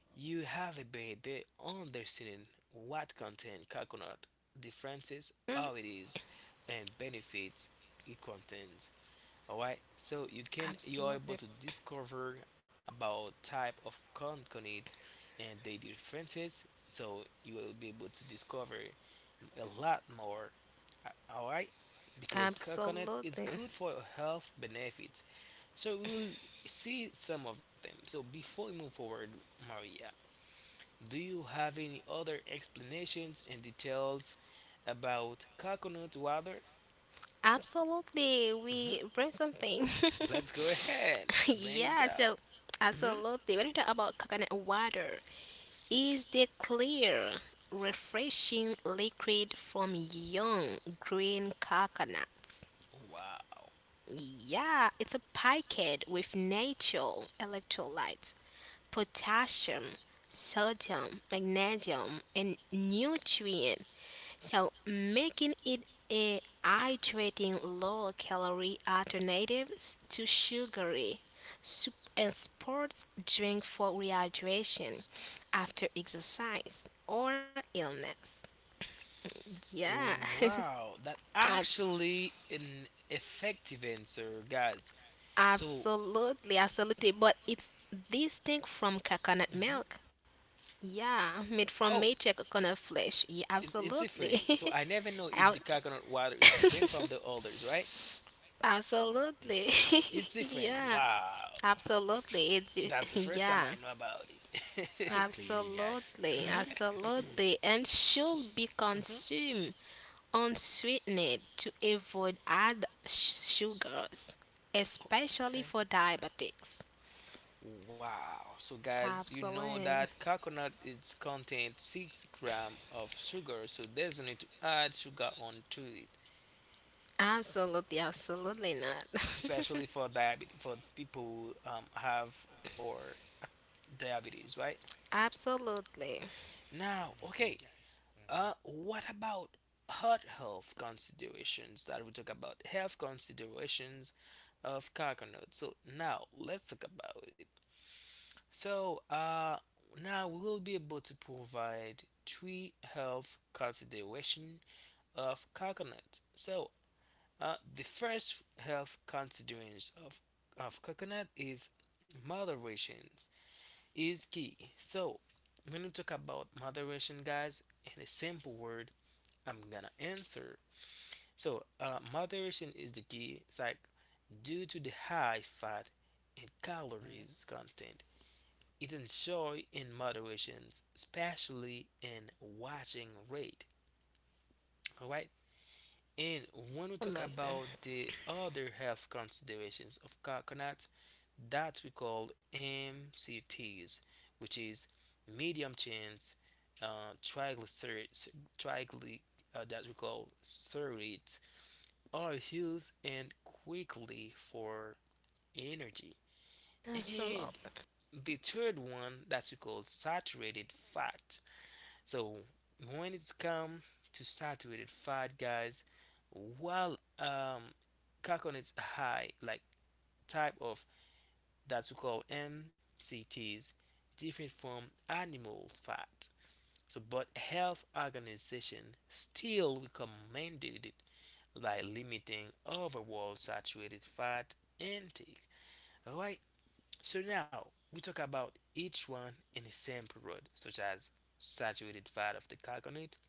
Speaker 3: You have a better understanding what content coconut differences,
Speaker 2: Mm,
Speaker 3: how it is, and benefits it contains. Alright, so you are able
Speaker 2: absolutely.
Speaker 3: to discover about type of coconut and the differences. So you will be able to discover a lot more. Alright, because coconut is
Speaker 2: Absolutely.
Speaker 3: good for health benefits. So we'll see some of them. So before we move forward, Maria, do you have any other explanations and details about coconut water?
Speaker 2: Absolutely.
Speaker 3: Mhm.
Speaker 2: We bring something.
Speaker 3: Let's go ahead and bring it
Speaker 2: Yeah,
Speaker 3: up.
Speaker 2: so
Speaker 3: Mhm.
Speaker 2: absolutely. When you talk about coconut water, is the clear, refreshing liquid from young green coconuts.
Speaker 3: Wow.
Speaker 2: Yeah, it's a packet with natural electrolytes, potassium, sodium, magnesium, and nutrient. So making it a hydrating low calorie alternative to sugary soup and sports drink for rehydration after exercise or illness. Yeah,
Speaker 3: Wow, that
Speaker 2: I
Speaker 3: actually an effective answer, guys. So,
Speaker 2: absolutely, absolutely. But it's distinct from coconut
Speaker 3: mhm.
Speaker 2: milk. Yeah, made from
Speaker 3: Oh,
Speaker 2: mature coconut flesh. Yeah,
Speaker 3: it's
Speaker 2: absolutely.
Speaker 3: different. So I never know if
Speaker 2: Ab-
Speaker 3: the coconut water is different from the others, right?
Speaker 2: absolutely.
Speaker 1: Exactly.
Speaker 3: It's different.
Speaker 2: Yeah,
Speaker 3: Wow.
Speaker 2: absolutely. It's
Speaker 3: That's the first time I
Speaker 2: Yeah,
Speaker 3: know about
Speaker 1: I'm
Speaker 3: it.
Speaker 1: clearly, guys.
Speaker 2: absolutely,
Speaker 3: hmm
Speaker 2: absolutely, and should be
Speaker 3: hmm
Speaker 2: consumed unsweetened to avoid add sugars, especially
Speaker 3: Okay.
Speaker 2: for diabetics.
Speaker 3: Wow. So guys, you know
Speaker 2: Absolutely.
Speaker 3: that coconut is contain 6 gram of sugar, so there's no need to add sugar onto it,
Speaker 2: Absolutely, absolutely not.
Speaker 3: especially for diabetes for people who have or diabetes, right?
Speaker 2: Absolutely.
Speaker 1: I'm
Speaker 3: Now,
Speaker 1: agree,
Speaker 3: okay.
Speaker 1: guys.
Speaker 3: What about heart health considerations that we talk about health considerations of coconut? So now let's talk about it. So now we will be able to provide three health consideration of coconut. So the first health considerations of coconut is moderation is key. So when we talk about moderation, guys, in a simple word, I'm gonna answer. So, moderation is the key. It's like due to the high fat and
Speaker 1: hmm
Speaker 3: calories content, it enjoy in moderations, especially in watching rate. All right. And when we talk
Speaker 2: Absolutely.
Speaker 3: about the other health considerations of coconut, that we call MCTs, which is medium chains triglycerides, trigly, that we call serate are used and quickly for energy. And
Speaker 2: Absolutely.
Speaker 3: the third one that we call saturated fat. So when it's come to saturated fat, guys, while coconut's high like type of that we call MCTs different from animal fat. So, but health organization still recommended by limiting overall saturated fat intake. All right, so now we talk about each one in a sample road, such as saturated fat of the carbonate.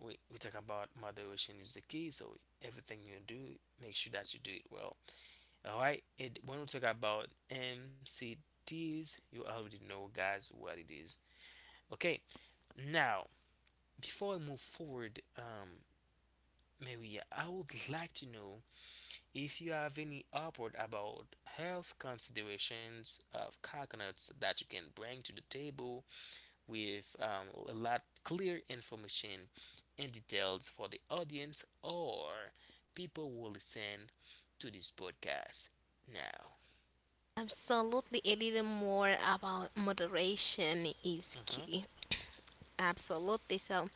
Speaker 3: We talk about moderation is the key, so everything you do, make sure that you do it well. All right, and when we talk about MCTs, you already know, guys, what it is. Okay, now before I move forward, Maria, I would like to know if you have any upward about health considerations of coconuts that you can bring to the table with a lot clear information and details for the audience or people who listen to this podcast now.
Speaker 2: Absolutely. A little
Speaker 3: Absolutely, it is
Speaker 2: more
Speaker 3: more about
Speaker 2: about moderation
Speaker 3: moderation.
Speaker 2: is
Speaker 3: It's-
Speaker 2: key. Absolutely. So,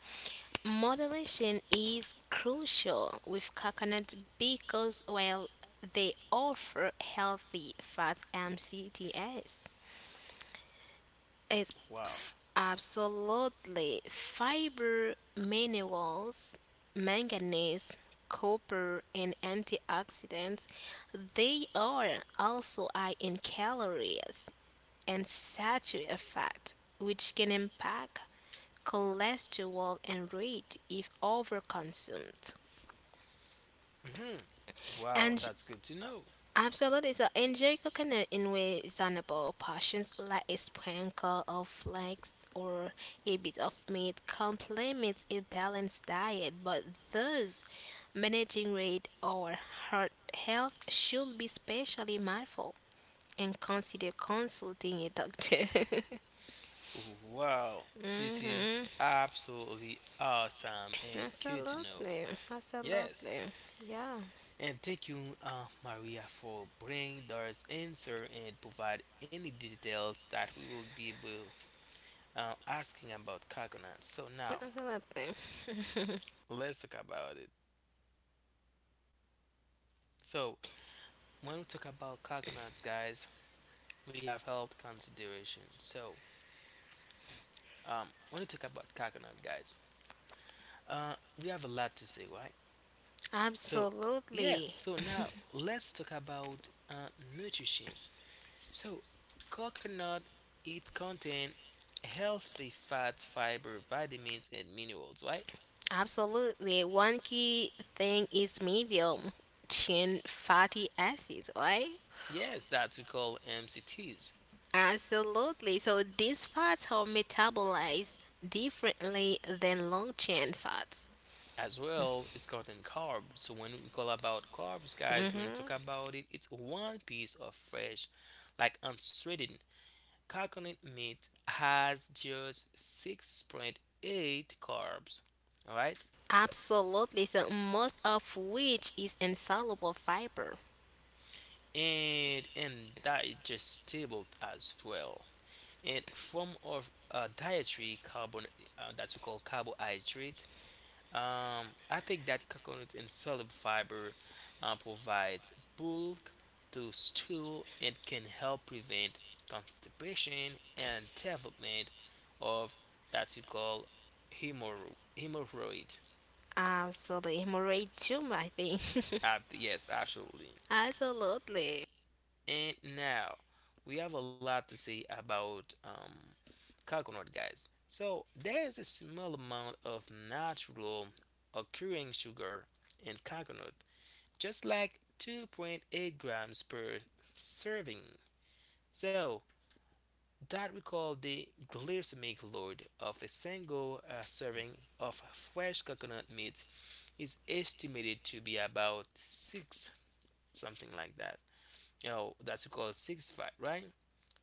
Speaker 2: moderation is crucial with coconut because, well, they offer healthy fats and CTS. It's
Speaker 3: Mhm. Wow.
Speaker 2: Absolutely fiber, minerals, manganese, copper, and antioxidants. They are also high in calories and saturated fat, which can impact cholesterol and rate if overconsumed.
Speaker 3: hmm Wow,
Speaker 2: And
Speaker 3: that's good to know.
Speaker 2: absolutely. So Angelico can inway zonable portions like a sprinkle of flax or a bit of meat complement a balanced diet, but those managing weight or heart health should be specially mindful and consider consulting a doctor.
Speaker 3: Wow, this is absolutely awesome and good to know.
Speaker 2: Absolutely.
Speaker 3: Yes,
Speaker 2: Absolutely. Yeah.
Speaker 3: and thank you, Maria, for bringing those answer and provide any details that we will be able asking about coconuts. So now
Speaker 2: Absolutely.
Speaker 3: let's talk about it. So when we talk about coconuts, guys, we have health consideration. So when we talk about coconut, guys, uh, we have a lot to say, right? So, yes,
Speaker 2: Absolutely.
Speaker 3: so now let's talk about nutrition. So, coconut it contain healthy fats, fiber, vitamins, and minerals, right?
Speaker 2: Absolutely. One key thing is medium chain fatty acids, right?
Speaker 3: Yes, that we call MCTs.
Speaker 2: Absolutely. So these fats are metabolized differently than long chain fats.
Speaker 3: As well, it's contain carbs. So when we call about carbs, guys, when we talk
Speaker 2: Hmm.
Speaker 3: about it, it's one piece of fresh, like unshredded coconut meat has just 6.8 carbs. All right.
Speaker 2: Absolutely. So most of which is insoluble fiber.
Speaker 3: And indigestible as well. And form of dietary carbon that we call carbohydrate. I think that coconut and soluble fiber provides bulk to stool and can help prevent constipation and development of that we call hemorrhoid.
Speaker 2: Absolutely. Hemorrhoid tumor, I think.
Speaker 3: Yes, absolutely.
Speaker 2: Absolutely.
Speaker 3: And now we have a lot to say about coconut, guys. So there is a small amount of natural occurring sugar in coconut, just like 2.8 grams per serving. So that we call the glycemic load of a single serving of fresh coconut meat is estimated to be about six something like that. You know, that's what we call 6.5, right?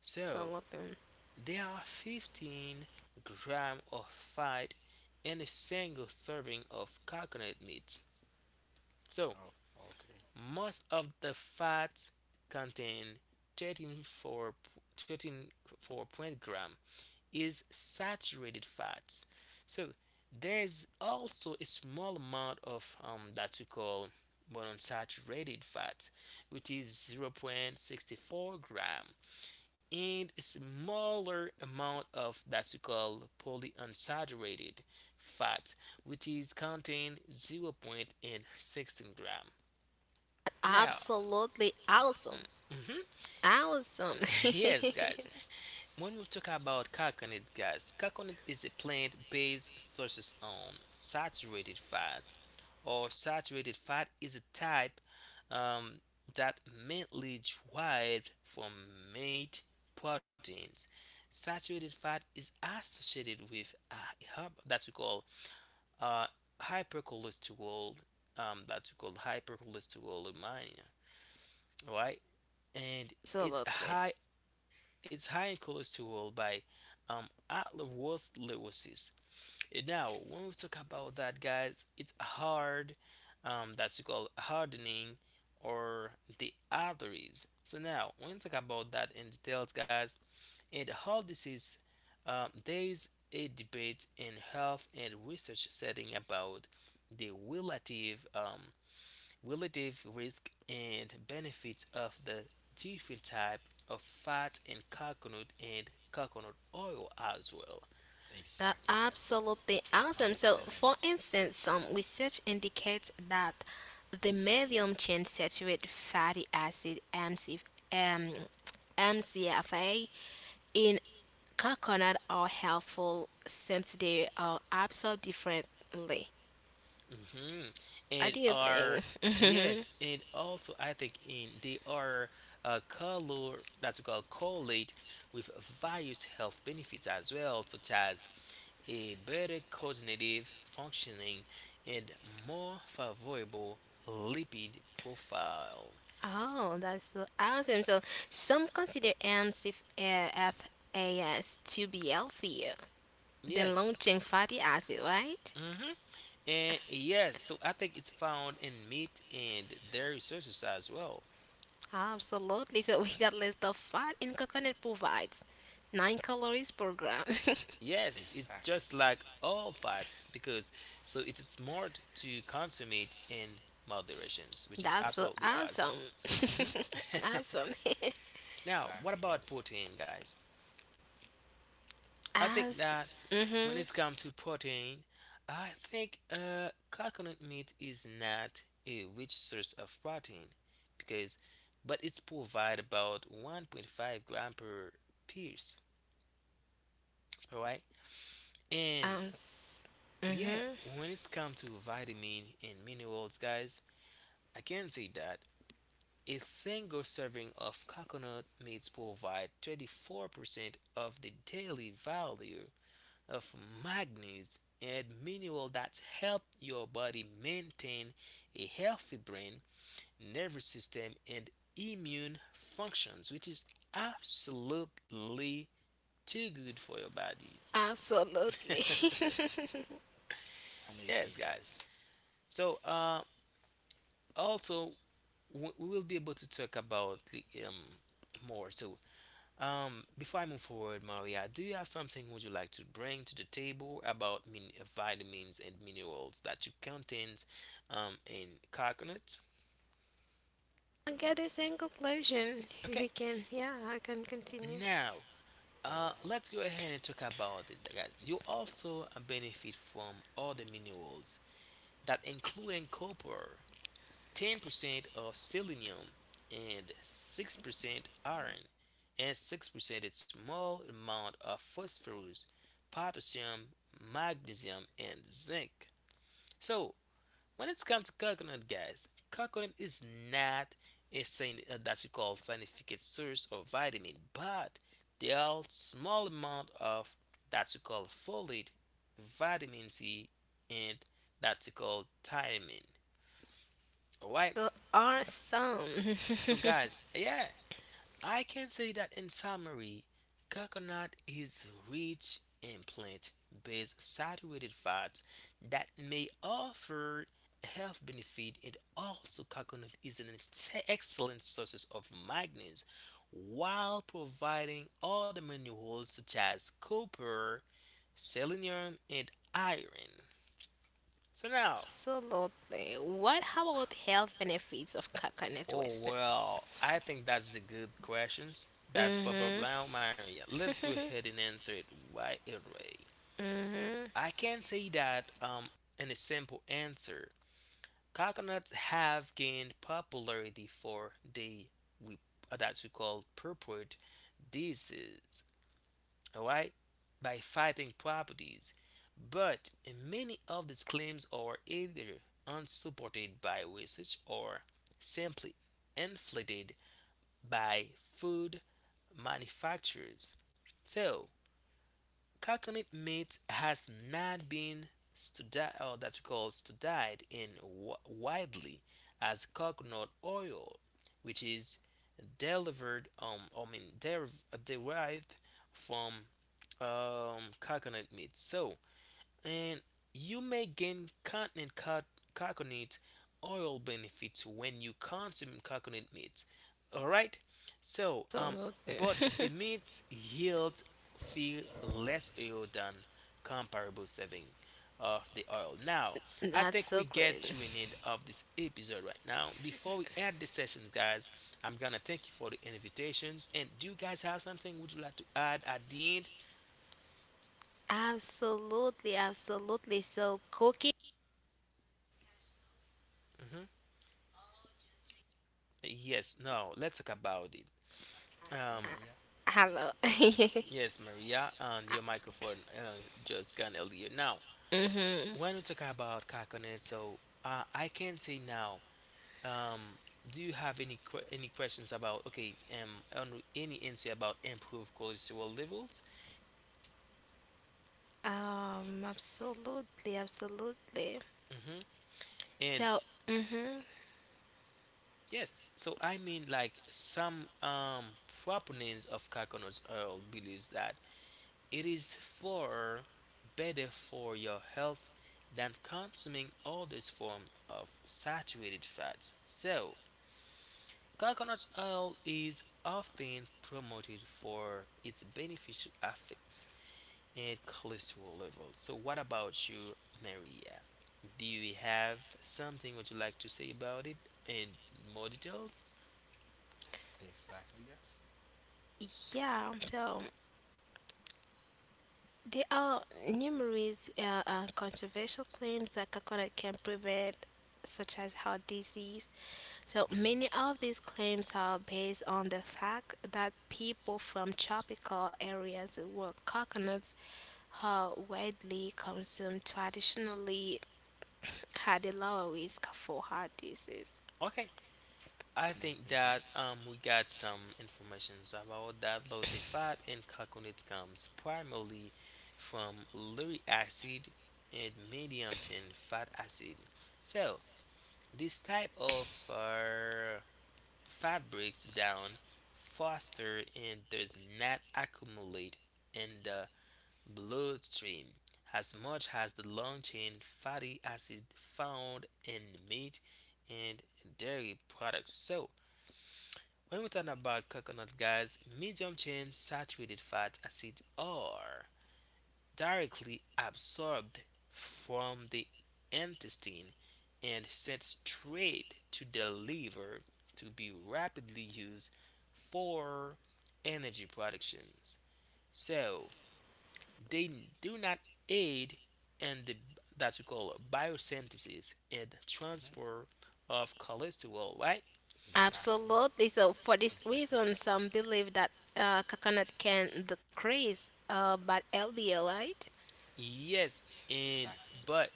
Speaker 3: So
Speaker 2: Absolutely.
Speaker 3: there are 15 grams of fat in a single serving of coconut meat.
Speaker 1: Oh,
Speaker 3: So,
Speaker 1: okay.
Speaker 3: most of the fats contain 13.4 13.4 gram is saturated fats. So, there's also a small amount of that we call monounsaturated fat, which is 0.64 gram and a smaller amount of that we call polyunsaturated fat, which is contained 0.16 gram. Now,
Speaker 2: Absolutely awesome.
Speaker 3: mhm,
Speaker 2: Awesome.
Speaker 3: yes, guys, when we talk about coconut, guys, coconut is a plant based sources on saturated fat, or saturated fat is a type um, that mainly derived from meat proteins. Saturated fat is associated with a that we call uh, hypercholesterol, um, that we call hypercholesterol right? And it's
Speaker 2: Absolutely.
Speaker 3: high it's high in cholesterol by atherosclerosis. And now, when we talk about that, guys, it's hard that's called hardening or the arteries. So now, when we talk about that in details, guys, and how this is, there is a debate in health and research setting about the relative risk and benefits of the different type of fat in coconut and coconut oil as well.
Speaker 1: Exactly,
Speaker 2: That
Speaker 1: guys.
Speaker 2: absolutely awesome. So,
Speaker 1: Understandable.
Speaker 2: for instance, some research indicates that the medium chain saturated fatty acid MCF, um, MCFA in coconut are helpful since they are absorbed differently.
Speaker 3: Hmm
Speaker 2: What
Speaker 3: and
Speaker 2: do you
Speaker 3: are
Speaker 2: think?
Speaker 3: yes and also I think in they are color that's called correlate with various health benefits as well such as a better cognitive functioning and more favorable lipid profile.
Speaker 2: Oh, that's so awesome. So some consider MCFAS to be healthier than
Speaker 3: Yes.
Speaker 2: long-chain fatty acid, right?
Speaker 3: Mm-hmm. And yes, so I think it's found in meat and dairy sources as well.
Speaker 2: Absolutely. So we got list of fat in coconut provides 9 calories per gram.
Speaker 3: Yes, it's
Speaker 1: Exactly.
Speaker 3: just like all fats because so it's smart to consume it in moderations, which is
Speaker 2: That's so
Speaker 3: absolutely
Speaker 2: awesome.
Speaker 3: awesome. Hmm
Speaker 2: Awesome.
Speaker 3: Now,
Speaker 1: Exactly,
Speaker 3: what
Speaker 1: guys.
Speaker 3: about protein, guys? I think
Speaker 2: As
Speaker 3: that when
Speaker 2: mm-hmm.
Speaker 3: it comes to protein, I think coconut meat is not a rich source of protein because, but it's provide about 1.5 gram per piece, all right? And
Speaker 2: Um s-
Speaker 3: yeah,
Speaker 2: mm-hmm.
Speaker 3: when it's come to vitamin and minerals, guys, I can say that a single serving of coconut meats provide 34% of the daily value of manganese and mineral that help your body maintain a healthy brain, nervous system, and immune functions, which is absolutely too good for your body.
Speaker 2: Absolutely.
Speaker 1: I'm agree,
Speaker 3: Yes,
Speaker 1: guys.
Speaker 3: guys. So, also, we will be able to talk about the, more. So, before I move forward, Maria, do you have something would you like to bring to the table about vitamins and minerals that you contain in coconuts?
Speaker 2: I get the same conclusion. We
Speaker 3: Okay,
Speaker 2: can Yeah, I can continue.
Speaker 3: now
Speaker 1: Alright,
Speaker 3: let's go ahead and talk about it, guys. You also benefit from all the minerals that including copper, 10% of selenium and 6% iron and 6% a small amount of phosphorus, potassium, magnesium, and zinc. So when it comes to coconut, guys, coconut is not a that you call scientific source of vitamin, but there are small amount of that you call folate, vitamin C, and that you call thiamine. All right.
Speaker 2: There are some.
Speaker 3: So, guys, yeah, I can say that in summary, coconut is rich in plant based saturated fats that may offer health benefit and also coconut is an excellent source of magnesium while providing other minerals such as copper selenium and iron so now.
Speaker 2: Absolutely. What How about health benefits of coconut
Speaker 3: Oh
Speaker 2: waste?
Speaker 3: well, I think that's the good questions. That's pop up
Speaker 2: Mm-hmm.
Speaker 3: now, Maria. Let's go ahead and answer it right away.
Speaker 2: Mm-hmm.
Speaker 3: I can say that in a simple answer, coconuts have gained popularity for the we that we call purport disease, alright, by fighting properties. But many of these claims are either unsupported by research or simply inflated by food manufacturers. So, coconut meat has not been studied, or that's called studied, in widely as coconut oil, which is delivered, derived from coconut meat. So, and you may gain continent coconut oil benefits when you consume coconut meat. All right. So, but the
Speaker 2: Absolutely.
Speaker 3: meat yield feel less oil than comparable serving of the oil. Now, I
Speaker 2: That's
Speaker 3: think
Speaker 2: so
Speaker 3: we get
Speaker 2: great.
Speaker 3: to an end of this episode right now. Before we end the sessions, guys, I'm gonna thank you for the invitations. And do you guys have something would you like to add at the end?
Speaker 2: Absolutely, absolutely. So cooking
Speaker 3: Hmm Yes. No. Let's talk about it.
Speaker 1: you
Speaker 2: uh,
Speaker 1: Maria.
Speaker 3: Um,
Speaker 2: hello.
Speaker 3: yes, Maria, and your microphone just gone earlier. Now,
Speaker 2: Mm-hmm.
Speaker 3: when we talk about Kakonet, so I can say now, um, do you have any any questions about okay, any answer about improved cholesterol levels?
Speaker 2: Absolutely, absolutely.
Speaker 3: Hmm And
Speaker 2: So mm-hmm.
Speaker 3: yes, so I mean like some proponents of coconuts oil believes that it is far better for your health than consuming other forms of saturated fats. So, coconut oil is often promoted for its beneficial effects and cholesterol levels. So, what about you, Maria? Do you have something would you like to say about it in more details?
Speaker 1: Exactly, guys.
Speaker 2: Yeah, so there are numerous controversial claims that coconut can prevent, such as heart disease. So, many of these claims are based on the fact that people from tropical areas where coconuts are widely consumed traditionally had a lower risk for heart disease.
Speaker 3: Okay.
Speaker 1: Make am
Speaker 3: I
Speaker 1: agree,
Speaker 3: think
Speaker 1: guys.
Speaker 3: that we got some informations about that low the fat in coconuts comes primarily from lauric acid and medium chain fat acid. So this type of fat breaks down faster and does not accumulate in the bloodstream as much as the long chain fatty acid found in meat and dairy products. So when we talk about coconut, guys, medium chain saturated fat acids are directly absorbed from the intestine and sent straight to the liver to be rapidly used for energy productions. So they do not aid in the that we call biosynthesis and
Speaker 1: hmm
Speaker 3: transport of cholesterol, right?
Speaker 1: Exactly,
Speaker 2: Absolutely. So, for this
Speaker 1: exactly,
Speaker 2: reason, some believe that coconut can decrease bad LDL, right?
Speaker 3: Yes, and
Speaker 1: exactly.
Speaker 3: but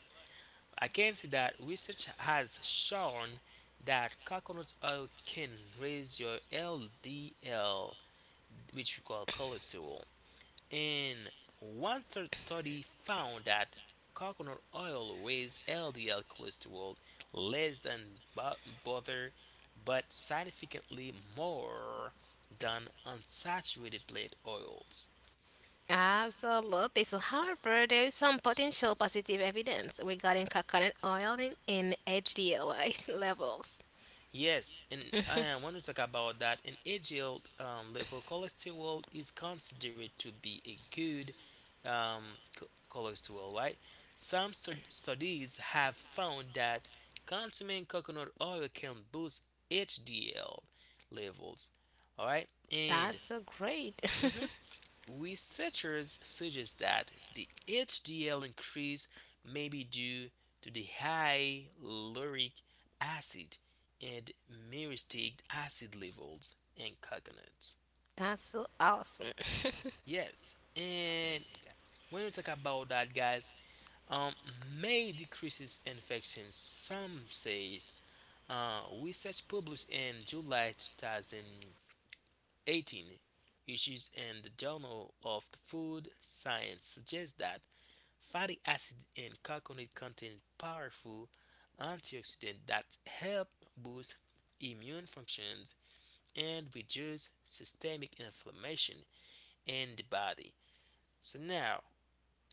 Speaker 3: I can see that research has shown that coconut oil can raise your LDL, which we call cholesterol. And one study found that coconut oil raised LDL cholesterol less than butter, but significantly more than unsaturated plant oils.
Speaker 2: Absolutely. So, however, there is some potential positive evidence regarding coconut oil in HDLA levels.
Speaker 3: Yes, and I want to talk about that. An HDL level cholesterol is considered to be a good cholesterol, right? Some studies have found that consuming coconut oil can boost HDL levels, all right? And
Speaker 2: That's so great.
Speaker 3: mhm, researchers suggest that the HDL increase may be due to the high lauric acid and myristic acid levels in coconuts.
Speaker 2: That's so awesome.
Speaker 3: Yes,
Speaker 1: Make am
Speaker 3: and
Speaker 1: guys.
Speaker 3: when we talk about that, guys, um, may decreases infections. Some says research published in July 2018 issues in the Journal of the Food Science suggests that fatty acids and coconut contain powerful antioxidants that help boost immune functions and reduce systemic inflammation in the body. So now,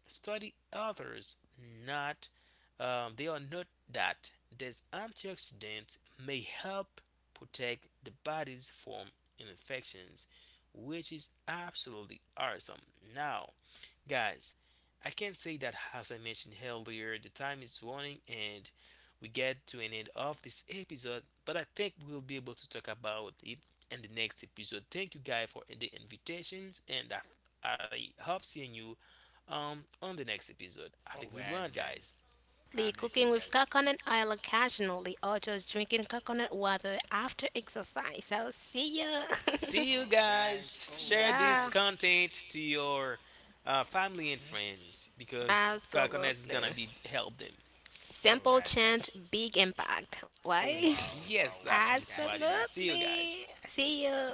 Speaker 3: study others not they are not that these antioxidants may help protect the body's from infections, which is absolutely awesome. Now, guys, I can say that as I mentioned earlier, the time is running and we get to an end of this episode, but I think we'll be able to talk about it in the next episode. Thank you guys for the invitations and I hope seeing you on the next episode. Have a
Speaker 1: Alright,
Speaker 3: good one,
Speaker 1: guys.
Speaker 3: guys.
Speaker 1: I make
Speaker 2: The
Speaker 1: agree, guys.
Speaker 2: cooking with coconut oil occasionally or just drinking coconut water after exercise. So, see ya.
Speaker 3: See you
Speaker 1: Alright,
Speaker 3: guys.
Speaker 1: alright,
Speaker 3: Share
Speaker 1: guys.
Speaker 3: this
Speaker 2: Yeah,
Speaker 3: content to your family and
Speaker 1: hmm
Speaker 3: friends because Carconet is
Speaker 2: absolutely.
Speaker 3: gonna be help them.
Speaker 1: Alright,
Speaker 2: Simple
Speaker 1: guys.
Speaker 2: change, big impact.
Speaker 3: Oh
Speaker 2: Why?
Speaker 1: Wow, wow,
Speaker 3: yes,
Speaker 1: wow,
Speaker 3: that this is what it
Speaker 1: guys.
Speaker 3: is. See you
Speaker 2: Absolutely.
Speaker 3: guys.
Speaker 2: See you.